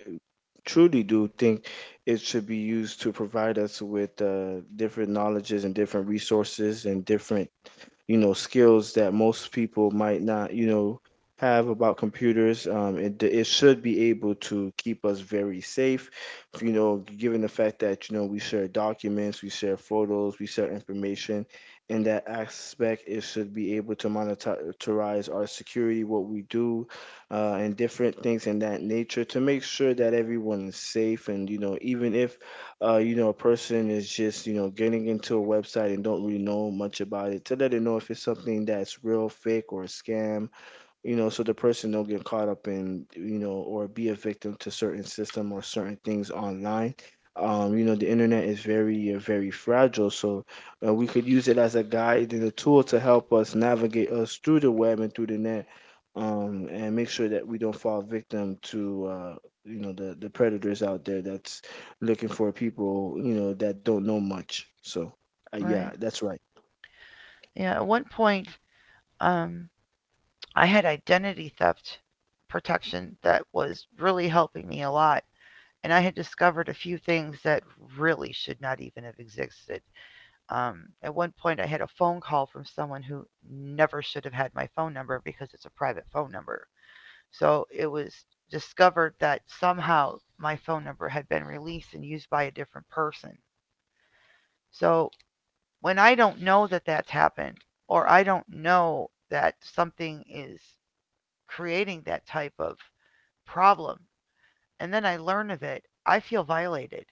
[SPEAKER 2] truly do think it should be used to provide us with uh, different knowledges and different resources and different you know skills that most people might not you know have about computers, um, it, it should be able to keep us very safe, you know, given the fact that you know we share documents, we share photos, we share information. In that aspect, it should be able to monetize our security, what we do, uh, and different things in that nature to make sure that everyone is safe. And you know, even if, uh, you know, a person is just, you know, getting into a website and don't really know much about it, to let them know if it's something that's real, fake, or a scam, you know, so the person don't get caught up in, you know, or be a victim to certain system or certain things online. Um, you know, the internet is very, uh, very fragile, so uh, we could use it as a guide and a tool to help us navigate us through the web and through the net, um, and make sure that we don't fall victim to, uh, you know, the the predators out there that's looking for people, you know, that don't know much. So, uh, yeah,
[SPEAKER 1] right?
[SPEAKER 2] that's right.
[SPEAKER 1] Yeah, at one point, um, I had identity theft protection that was really helping me a lot, and I had discovered a few things that really should not even have existed. Um, at one point, I had a phone call from someone who never should have had my phone number because it's a private phone number. So it was discovered that somehow my phone number had been released and used by a different person. So when I don't know that that's happened, or I don't know that something is creating that type of problem, and then I learn of it, I feel violated.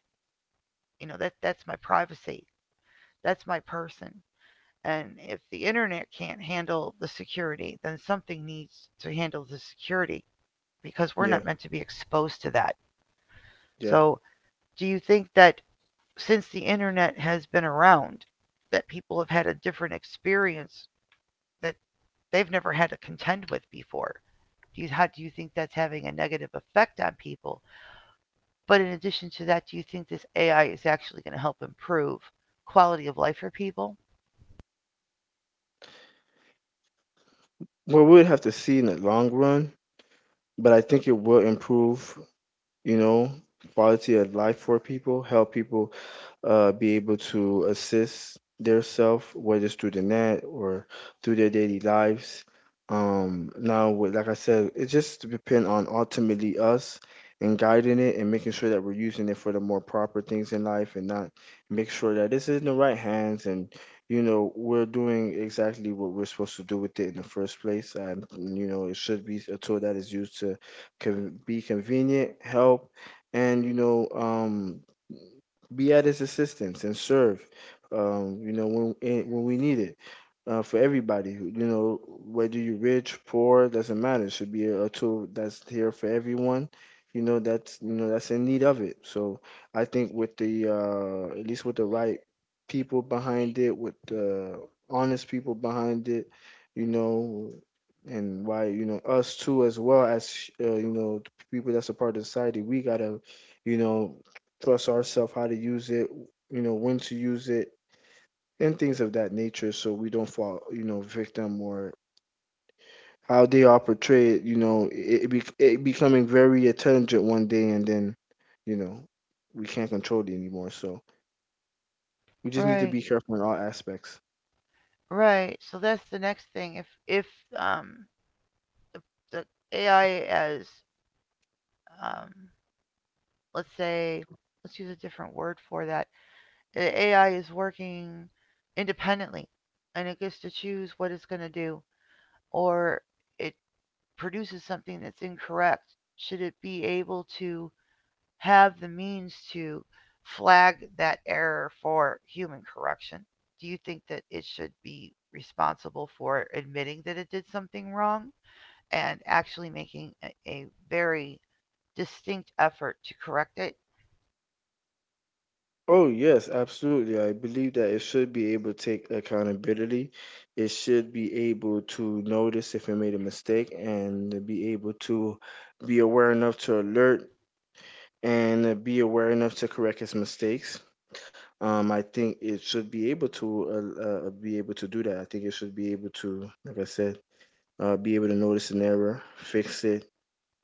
[SPEAKER 1] You know, that that's my privacy. That's my person. And if the internet can't handle the security, then something needs to handle the security, because we're not
[SPEAKER 2] Yeah,
[SPEAKER 1] meant to be exposed to that.
[SPEAKER 2] yeah.
[SPEAKER 1] So do you think that since the internet has been around, that people have had a different experience that they've never had to contend with before, do you, how do you think that's having a negative effect on people? But in addition to that, do you think this AI is actually going to help improve quality of life for people?
[SPEAKER 2] Well, we would have to see in the long run, but I think it will improve, you know, quality of life for people, help people uh, be able to assist their self, whether it's through the net or through their daily lives. Um, now, with- like I said, it just depends on ultimately us, and guiding it and making sure that we're using it for the more proper things in life, and not make sure that it's in the right hands, and, you know, we're doing exactly what we're supposed to do with it in the first place. And, you know, it should be a tool that is used to can be convenient, help, and you know, um, be at his assistance and serve. Um, you know, when eh, when we need it, uh, for everybody. You know, whether you're rich, poor, doesn't matter. It should be a, a tool that's here for everyone. You know, that's you know that's in need of it. So I think with the uh, at least with the right people behind it, with the honest people behind it, you know, and why you know us too, as well as, uh, you know, the people that's a part of society, we gotta you know trust ourselves how to use it. You know when to use it, and things of that nature, so we don't fall you know victim, or how they are portrayed, you know, it, it, bec it becoming very intelligent one day, and then you know we can't control it anymore, so we just need to
[SPEAKER 1] Right.
[SPEAKER 2] be careful in all aspects.
[SPEAKER 1] Right. So that's the next thing. If if um the AI as, um let's say, let's use a different word for that, the A I is working independently and it gets to choose what it's going to do, or it produces something that's incorrect. Should it be able to have the means to flag that error for human correction? Do you think that it should be responsible for admitting that it did something wrong, and actually making a, a very distinct effort to correct it?
[SPEAKER 2] Oh yes, absolutely, I believe that it should be able to take accountability. It should be able to notice if it made a mistake, and be able to be aware enough to alert, and be aware enough to correct its mistakes. Um, I think it should be able to uh, uh, be able to do that. I think it should be able to, like I said, uh, be able to notice an error, fix it,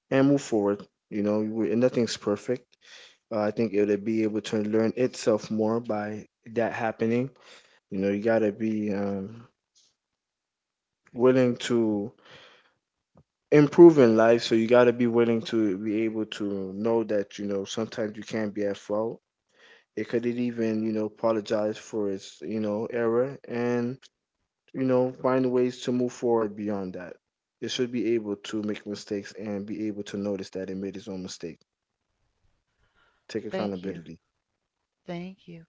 [SPEAKER 2] and move forward. You know, we- and nothing's perfect. Uh, I think it'll be able to learn itself more by that happening. You know, you gotta be um, willing to improve in life, so you gotta be willing to be able to know that you know sometimes you can't be at fault. It could even you know apologize for its you know error, and you know, find ways to move forward beyond that. It should be able to make mistakes and be able to notice that it made its own mistake. Take
[SPEAKER 1] Thank you.
[SPEAKER 2] accountability.
[SPEAKER 1] Thank you.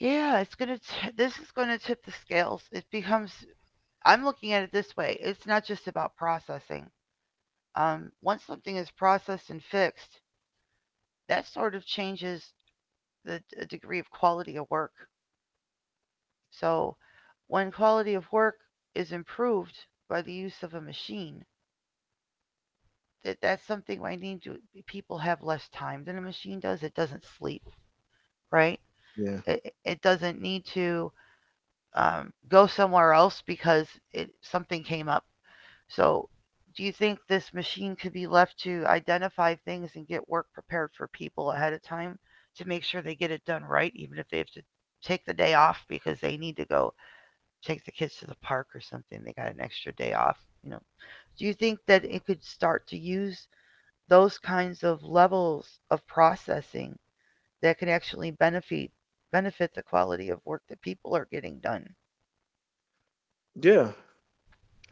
[SPEAKER 1] Yeah, it's gonna. T- this is gonna tip the scales. It becomes. I'm looking at it this way. It's not just about processing. Um, once something is processed and fixed, that sort of changes the d- degree of quality of work. So, when quality of work is improved by the use of a machine, that that's something I need to. People have less time than a machine does. It doesn't sleep, right?
[SPEAKER 2] Yeah.
[SPEAKER 1] It it doesn't need to um, go somewhere else because it, something came up. So, do you think this machine could be left to identify things and get work prepared for people ahead of time, to make sure they get it done right, even if they have to take the day off because they need to go take the kids to the park or something? They got an extra day off, you know. Do you think that it could start to use those kinds of levels of processing that can actually benefit benefit the quality of work that people are getting done?
[SPEAKER 2] Yeah,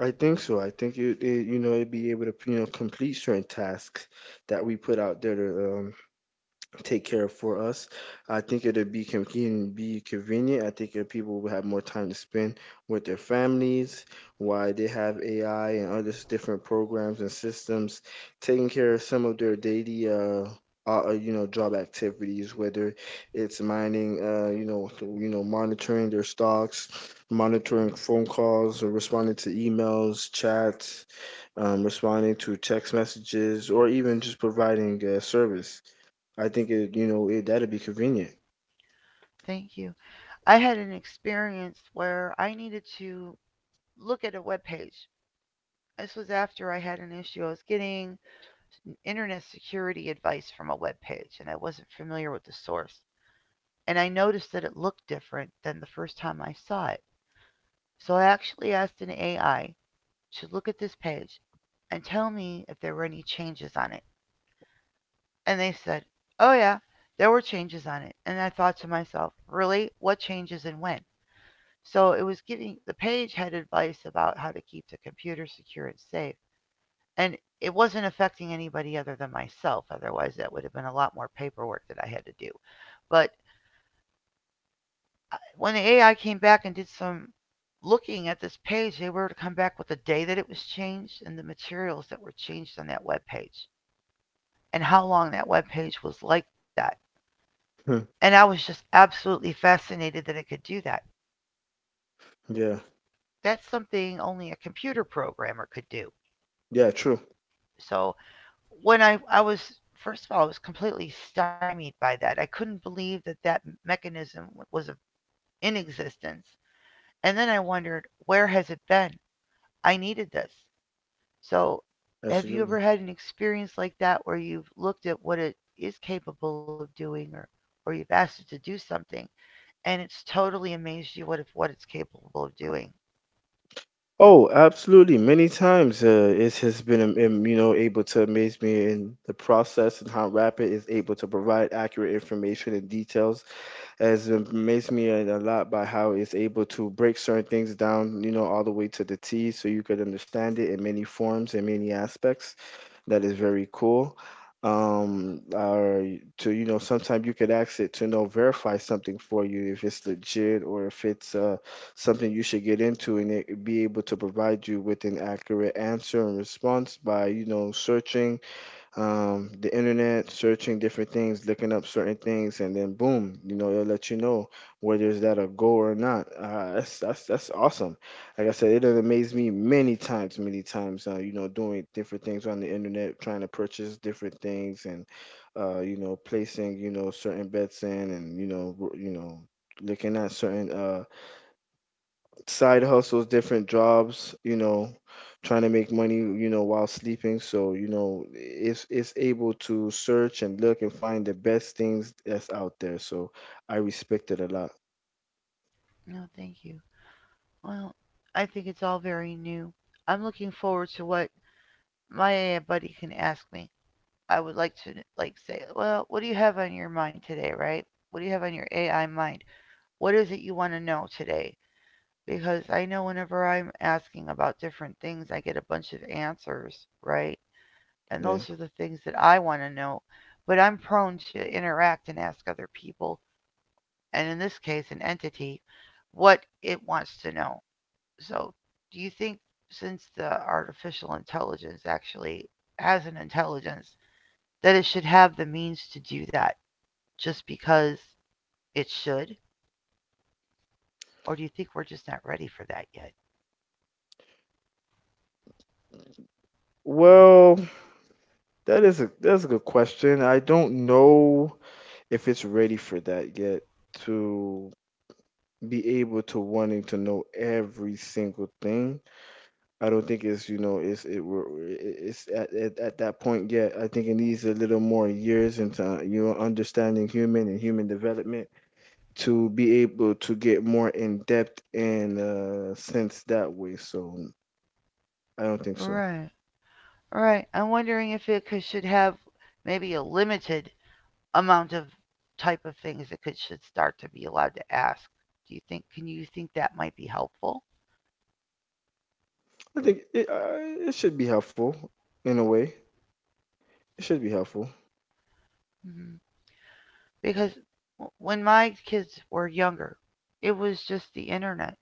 [SPEAKER 2] I think so. I think it, it you know, it'd be able to, you know, complete certain tasks that we put out there to um, take care for us. I think it'll be convenient, be convenient. I think that people will have more time to spend with their families while they have A I and other s- different programs and systems taking care of some of their daily uh, uh uh, you know job activities, whether it's mining, uh, you know, th- you know, monitoring their stocks, monitoring phone calls, or responding to emails, chats, um, responding to text messages, or even just providing uh, service. I think it, you know, it, that'd be convenient.
[SPEAKER 1] Thank you. I had an experience where I needed to look at a web page. This was after I had an issue. I was getting internet security advice from a web page, and I wasn't familiar with the source. And I noticed that it looked different than the first time I saw it. So I actually asked an A I to look at this page and tell me if there were any changes on it. And they said, oh, yeah, there were changes on it. And I thought to myself, really? What changes and when? So it was giving, the page had advice about how to keep the computer secure and safe, and it wasn't affecting anybody other than myself. Otherwise, that would have been a lot more paperwork that I had to do. But uh, when the A I came back and did some looking at this page, they were to come back with the day that it was changed and the materials that were changed on that web page, and how long that web page was like that.
[SPEAKER 2] Hmm.
[SPEAKER 1] And I was just absolutely fascinated that it could do that.
[SPEAKER 2] Yeah,
[SPEAKER 1] That's something only a computer programmer could do.
[SPEAKER 2] yeah, true,
[SPEAKER 1] So when I, I was, first of all, I was completely stymied by that. I couldn't believe that that mechanism was in existence. And then I wondered, where has it been? I needed this. So, have you ever
[SPEAKER 2] absolutely.
[SPEAKER 1] had an experience like that where you've looked at what it is capable of doing, or or you've asked it to do something, and it's totally amazed you what, if what it's capable of doing?
[SPEAKER 2] Oh, absolutely. Many times, uh, it has been, um, um, you know, able to amaze me in the process, and how Rapid is able to provide accurate information and details. Has amazed me a a lot by how it's able to break certain things down, you know, all the way to the T, so you could understand it in many forms and many aspects. That is very cool. Um, or to you know, sometimes you could ask it to you know verify something for you if it's legit, or if it's uh, something you should get into, and it be able to provide you with an accurate answer and response by you know searching, um, the internet, searching different things, looking up certain things, and then boom, you know, it'll let you know whether is that a goal or not. Uh, that's that's that's awesome. Like I said, it done amazed me many times, many times. Uh, you know, doing different things on the internet, trying to purchase different things, and uh, you know, placing you know certain bets in, and you know, w- you know, looking at certain uh, side hustles, different jobs, you know, trying to make money, you know, while sleeping. So, you know, it's it's able to search and look and find the best things that's out there. So I respect it a lot.
[SPEAKER 1] No, thank you. Well, I think it's all very new. I'm looking forward to what my A I buddy can ask me. I would like to, like, say, well, what do you have on your mind today, right? What do you have on your A I mind? What is it you want to know today? Because I know whenever I'm asking about different things, I get a bunch of answers, right? And
[SPEAKER 2] Yeah.
[SPEAKER 1] those are the things that I want to know. But I'm prone to interact and ask other people, and in this case, an entity, what it wants to know. So, do you think, since the artificial intelligence actually has an intelligence, that it should have the means to do that, just because it should? Or do you think we're just not ready for that yet?
[SPEAKER 2] Well, that is a that's a good question. I don't know if it's ready for that yet, to be able to wanting to know every single thing. I don't think it's you know it's it we're- it's at, at at that point yet. I think it needs a little more years into you know understanding human and human development, to be able to get more in depth and uh, sense that way. So I don't think so.
[SPEAKER 1] Right. Right. I'm wondering if it could, should have maybe a limited amount of type of things that could, should start to be allowed to ask. Do you think? Can you think that might be helpful?
[SPEAKER 2] I think it uh, it should be helpful in a way. It should be helpful.
[SPEAKER 1] Hmm. Because w- when my kids were younger, it was just the internet.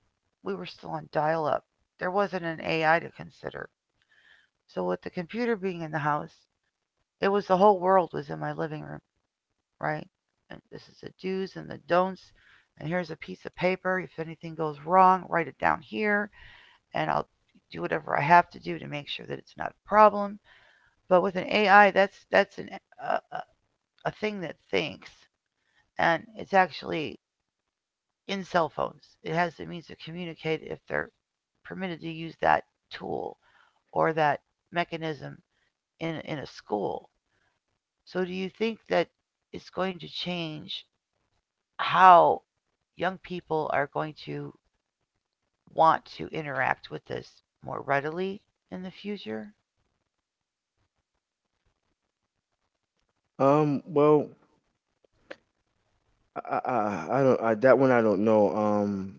[SPEAKER 1] We were still on dial up. There wasn't an A I to consider. So, with the computer being in the house, it was, the whole world was in my living room, right? And this is the do's and the don'ts. And here's a piece of paper. If anything goes wrong, write it down here, and I'll do whatever I have to do to make sure that it's not a problem. But with an A I, that's that's an a, a- a thing that thinks, and it's actually in cell phones. It has the means to communicate if they're permitted to use that tool or that mechanism in in a school. So do you think that it's going to change how young people are going to want to interact with this more readily in the future?
[SPEAKER 2] Um. Well, I I, I I don't I, that one I don't know. Um.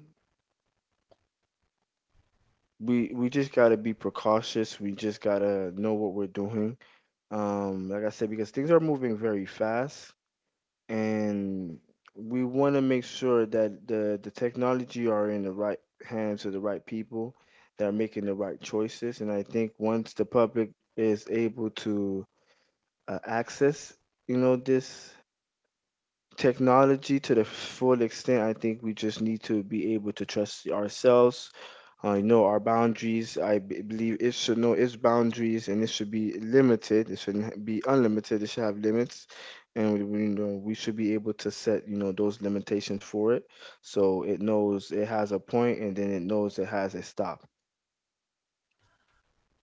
[SPEAKER 2] We we just gotta be precautious. We just gotta know what we're doing um like I said, because things are moving very fast, and we want to make sure that the the technology are in the right hands of the right people that are making the right choices. And I think once the public is able to uh, access, you know, this technology to the full extent, I think we just need to be able to trust ourselves, uh, you know, our boundaries. I b- believe it should know its boundaries and it should be limited. It shouldn't be unlimited. It should have limits, and we, we know we should be able to set, you know, those limitations for it. So it knows it has a point, and then it knows it has a stop.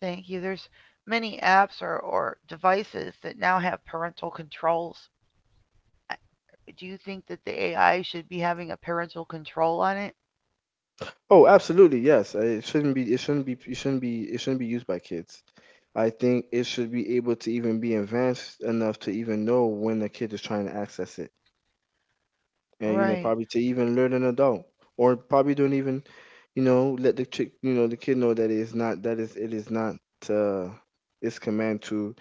[SPEAKER 1] Thank you. There's many apps or, or devices that now have parental controls. Uh, Do you think that the A I should be having a parental control on it?
[SPEAKER 2] Oh, absolutely, yes. Uh, It shouldn't be. It shouldn't be. It shouldn't be. It shouldn't be used by kids. I think it should be able to even be advanced enough to even know when a kid is trying to access it, and, you know,
[SPEAKER 1] Right.
[SPEAKER 2] probably to even learn an adult, or probably don't even, you know, let the chick, you know, the kid know that it is not, that is, it is not uh its command to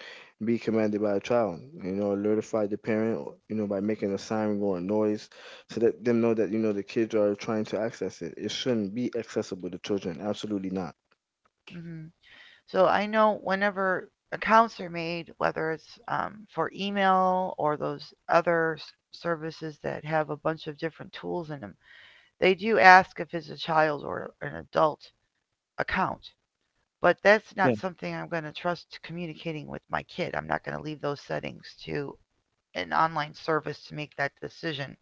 [SPEAKER 2] be commanded by a child. You know, alertify the parent, or, you know, by making a siren or a noise to let them know that, you know, the kids are trying to access it. It shouldn't be accessible to children, absolutely not.
[SPEAKER 1] Hmm. So I know whenever accounts are made, whether it's, um, for email or those other services that have a bunch of different tools in them, they do ask if it's a child or an adult account, but that's
[SPEAKER 2] Yeah.
[SPEAKER 1] not something I'm going to trust communicating with my kid. I'm not going to leave those settings to an online service to make that decision.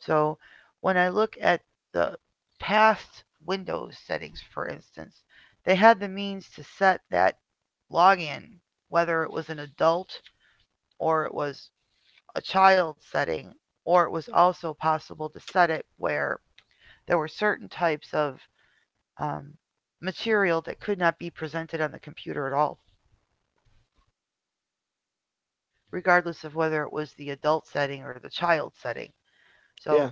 [SPEAKER 1] So when I look at the past Windows settings, for instance, they had the means to set that login, whether it was an adult or it was a child setting, or it was also possible to set it where there were certain types of, um, material that could not be presented on the computer at all, regardless of whether it was the adult setting or the child setting.
[SPEAKER 2] Yeah.
[SPEAKER 1] So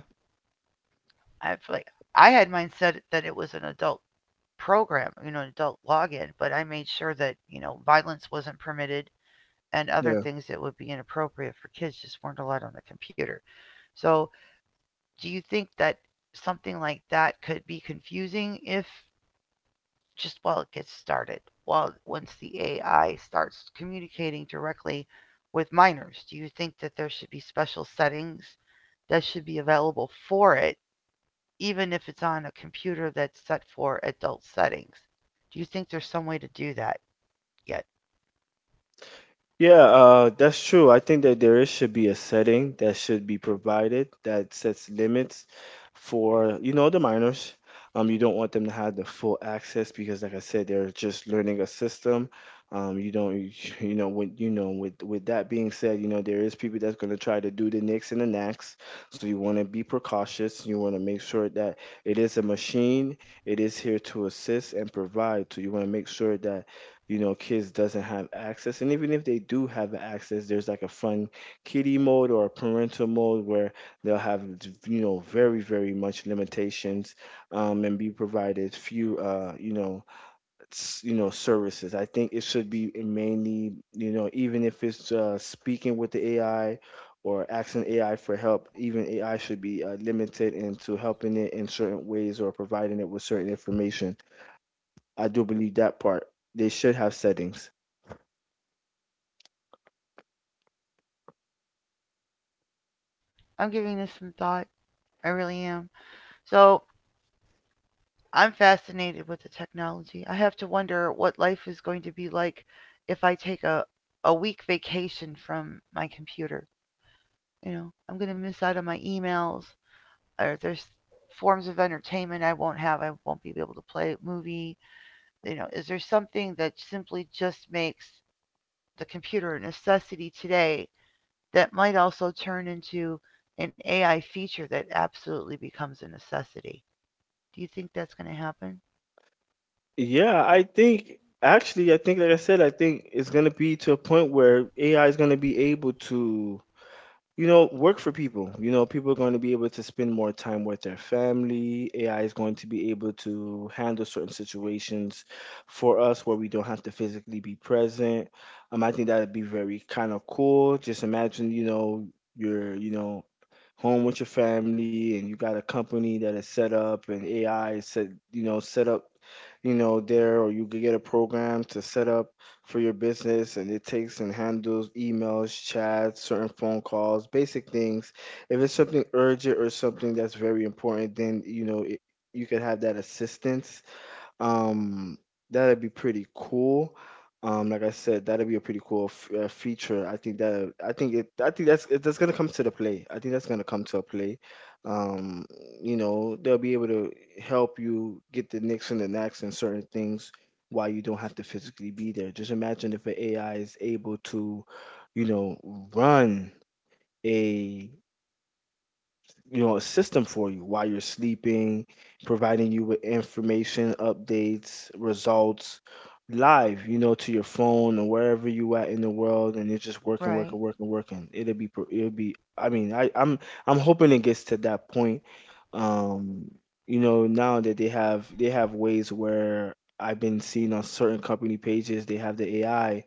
[SPEAKER 1] I feel like I had mine set that it was an adult program, you know, an adult login, but I made sure that, you know, violence wasn't permitted and
[SPEAKER 2] Yeah.
[SPEAKER 1] other things that would be inappropriate for kids just weren't allowed on the computer. So do you think that something like that could be confusing if just while it gets started, while once the A I starts communicating directly with minors? Do you think that there should be special settings that should be available for it, even if it's on a computer that's set for adult settings? Do you think there's some way to do that yet?
[SPEAKER 2] Yeah, uh, that's true. I think that there is, should be a setting that should be provided that sets limits for, you know, the minors. Um, you don't want them to have the full access because, like I said, they're just learning a system. Um, you don't, (laughs) you know, when you know, with with that being said, you know, there is people that's gonna try to do the nicks and the knacks. So you want to be precautious. You want to make sure that it is a machine. It is here to assist and provide. So you want to make sure that, you know, kids doesn't have access. And even if they do have access, there's like a fun kiddie mode or a parental mode where they'll have, you know, very very much limitations, um, and be provided few uh, you know, s- you know, services. I think it should be mainly, you know, even if it's uh, speaking with the AI or asking AI for help, even AI should be uh, limited into helping it in certain ways or providing it with certain information. I do believe that part. They should have settings.
[SPEAKER 1] I'm giving this some thought. I really am. So I'm fascinated with the technology. I have to wonder what life is going to be like if I take a, a week vacation from my computer. You know, I'm going to miss out on my emails. Or there's forms of entertainment I won't have. I won't be able to play a movie. You know, is there something that simply just makes the computer a necessity today that might also turn into an A I feature that absolutely becomes a necessity? Do you think that's going to happen?
[SPEAKER 2] Yeah, I think actually, I think like I said, I think it's gonna be to a point where A I is gonna be able to, you know, work for people. You know, people are going to be able to spend more time with their family. A I is going to be able to handle certain situations for us where we don't have to physically be present. Um, I think that would be very kind of cool. Just imagine, you know, you're, you know, home with your family and you got a company that is set up and A I is set, you know, set up, you know, there, or you could get a program to set up for your business, and it takes and handles emails, chats, certain phone calls, basic things. If it's something urgent or something that's very important, then you know it, you could have that assistance, um, that'd be pretty cool. Um, like I said, that'd be a pretty cool f uh, feature. I think that I think it I think that's it, that's gonna come to the play. I think that's gonna come to a play. Um, you know, they'll be able to help you get the nicks and the knacks and certain things while you don't have to physically be there. Just imagine if an A I is able to, you know, run a, you know, a system for you while you're sleeping, providing you with information, updates, results live, you know, to your phone or wherever you at in the world, and it's just working, working,
[SPEAKER 1] Right.
[SPEAKER 2] working, working. It'll be, pro- it'll be. I mean, I, I'm, I'm hoping it gets to that point. Um, you know, now that they have, they have ways where I've been seeing on certain company pages, they have the A I.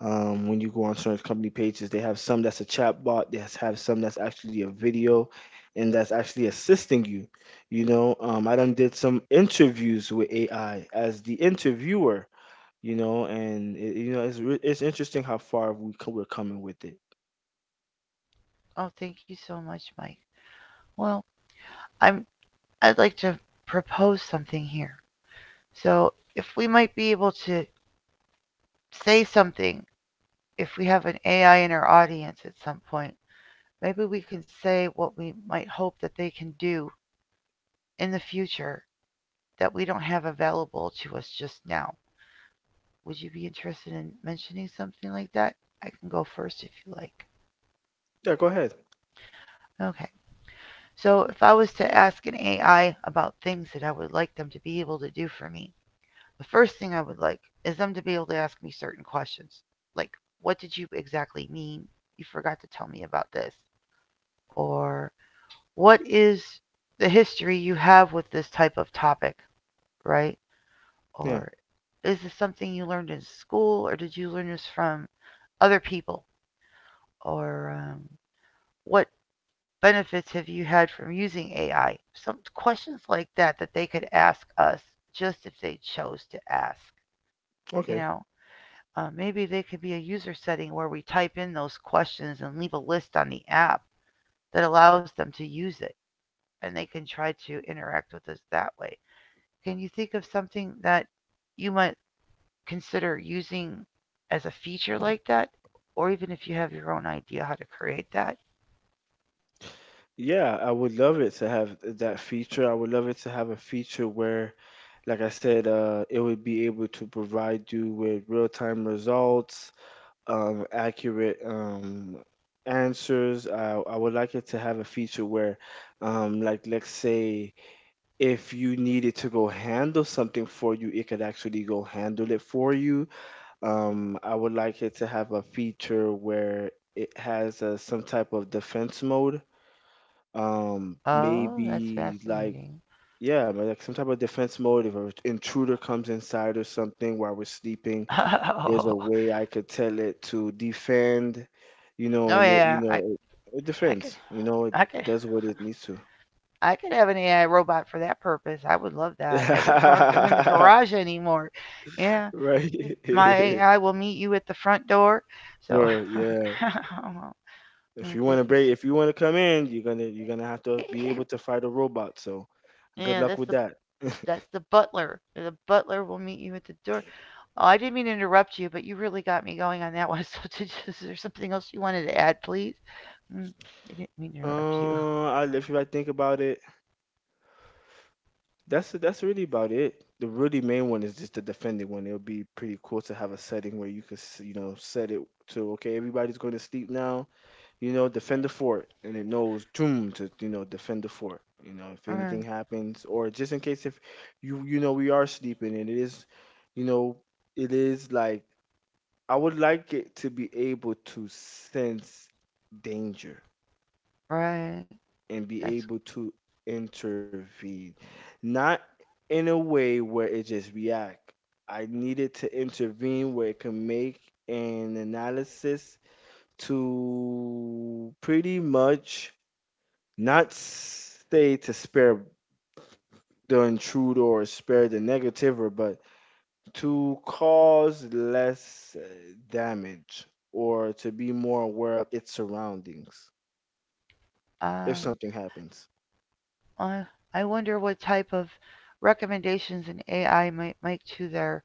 [SPEAKER 2] Um, when you go on certain company pages, they have some that's a chat bot, they has- have some that's actually a video and that's actually assisting you. You know, um, I done did some interviews with A I as the interviewer. You know, and it, you know, it's re- it's interesting how far we co- we're coming with it.
[SPEAKER 1] Oh, thank you so much, Mike. Well, I'm I'd like to propose something here. So, if we might be able to say something if we have an A I in our audience at some point, maybe we can say what we might hope that they can do in the future that we don't have available to us just now. Would you be interested in mentioning something like that? I can go first if you like.
[SPEAKER 2] Yeah, go ahead.
[SPEAKER 1] Okay. So, if I was to ask an A I about things that I would like them to be able to do for me, the first thing I would like is them to be able to ask me certain questions, like, what did you exactly mean? You forgot to tell me about this. Or, what is the history you have with this type of topic, right?
[SPEAKER 2] Yeah.
[SPEAKER 1] Or is this something you learned in school, or did you learn this from other people? Or um, what benefits have you had from using A I? Some questions like that that they could ask us just if they chose to ask. You
[SPEAKER 2] Okay.
[SPEAKER 1] know, uh, maybe they could be a user setting where we type in those questions and leave a list on the app that allows them to use it and they can try to interact with us that way. Can you think of something that you might consider using as a feature like that? Or even if you have your own idea how to create that?
[SPEAKER 2] Yeah, I would love it to have that feature. I would love it to have a feature where, like I said, uh, it would be able to provide you with real time results, um, accurate um, answers. I, I would like it to have a feature where, um, like, let's say if you needed to go handle something for you, it could actually go handle it for you. Um, I would like it to have a feature where it has uh, some type of defense mode. Um,
[SPEAKER 1] Oh, that's
[SPEAKER 2] maybe like,
[SPEAKER 1] fascinating.
[SPEAKER 2] yeah, but like some type of defense mode if an intruder comes inside or something while we're sleeping, there's a
[SPEAKER 1] (laughs)
[SPEAKER 2] way I could tell it to defend, you know,
[SPEAKER 1] Oh, oh
[SPEAKER 2] and it,
[SPEAKER 1] yeah,
[SPEAKER 2] you
[SPEAKER 1] I,
[SPEAKER 2] know, it, it
[SPEAKER 1] I could,
[SPEAKER 2] defends, you know, it
[SPEAKER 1] I could,
[SPEAKER 2] does what it needs to.
[SPEAKER 1] I could have an A I robot for that purpose. I would love that. That wouldn't park them in the
[SPEAKER 2] (laughs)
[SPEAKER 1] garage anymore. Yeah,
[SPEAKER 2] Right.
[SPEAKER 1] my
[SPEAKER 2] (laughs)
[SPEAKER 1] A I will meet you at the front door. So,
[SPEAKER 2] Door, yeah.
[SPEAKER 1] (laughs) well,
[SPEAKER 2] If
[SPEAKER 1] well,
[SPEAKER 2] you want
[SPEAKER 1] thank
[SPEAKER 2] to
[SPEAKER 1] you
[SPEAKER 2] break,
[SPEAKER 1] so.
[SPEAKER 2] if you want to come in, you're gonna you're gonna have to be able
[SPEAKER 1] (laughs)
[SPEAKER 2] to fight a robot. So, good
[SPEAKER 1] Yeah,
[SPEAKER 2] luck
[SPEAKER 1] that's
[SPEAKER 2] with
[SPEAKER 1] the
[SPEAKER 2] that. (laughs)
[SPEAKER 1] that's the butler. The butler will meet you at the door. Oh, I didn't mean to interrupt you, but you really got me going on that (laughs) one. So, did, is there something else you wanted to add, please? Mm, I didn't mean to interrupt you.
[SPEAKER 2] Uh, I, if I think about it, that's that's really about it. The really main one is just the defending one. It would be pretty cool to have a setting where you could, s- you know, set it to okay, everybody's going to sleep now. You know, defend the fort, and it knows doom to, you know, defend the fort. You know, if
[SPEAKER 1] Mm,
[SPEAKER 2] anything happens, or just in case if you you know we are sleeping, and it is, you know, it is like I would like it to be able to sense danger
[SPEAKER 1] right.
[SPEAKER 2] and
[SPEAKER 1] That's.
[SPEAKER 2] be able to intervene, not in a way where it just react. I need it to intervene where it can make an analysis to pretty much not say to spare the intruder or spare the negativer, but to cause less uh, damage, or to be more aware of its surroundings if
[SPEAKER 1] Uh,
[SPEAKER 2] something happens.
[SPEAKER 1] uh, I wonder what type of recommendations an A I might make to their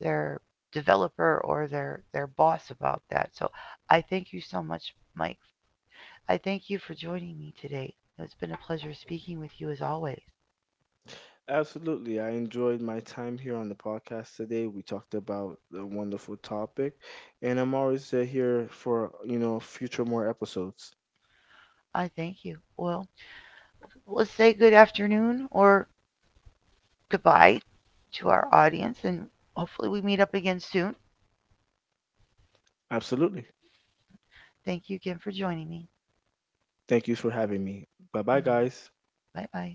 [SPEAKER 1] their developer or their their boss about that. So, I thank you so much, Mike. I thank you for joining me today. It's been a pleasure speaking with you as always.
[SPEAKER 2] Absolutely. I enjoyed my time here on the podcast today. We talked about a wonderful topic, and I'm always uh, here for, you know, future more episodes.
[SPEAKER 1] I thank you. Well, let's say good afternoon or goodbye to our audience, and hopefully we meet up again soon.
[SPEAKER 2] Absolutely.
[SPEAKER 1] Thank you again for joining me.
[SPEAKER 2] Thank you for having me. Bye bye, guys.
[SPEAKER 1] Bye bye.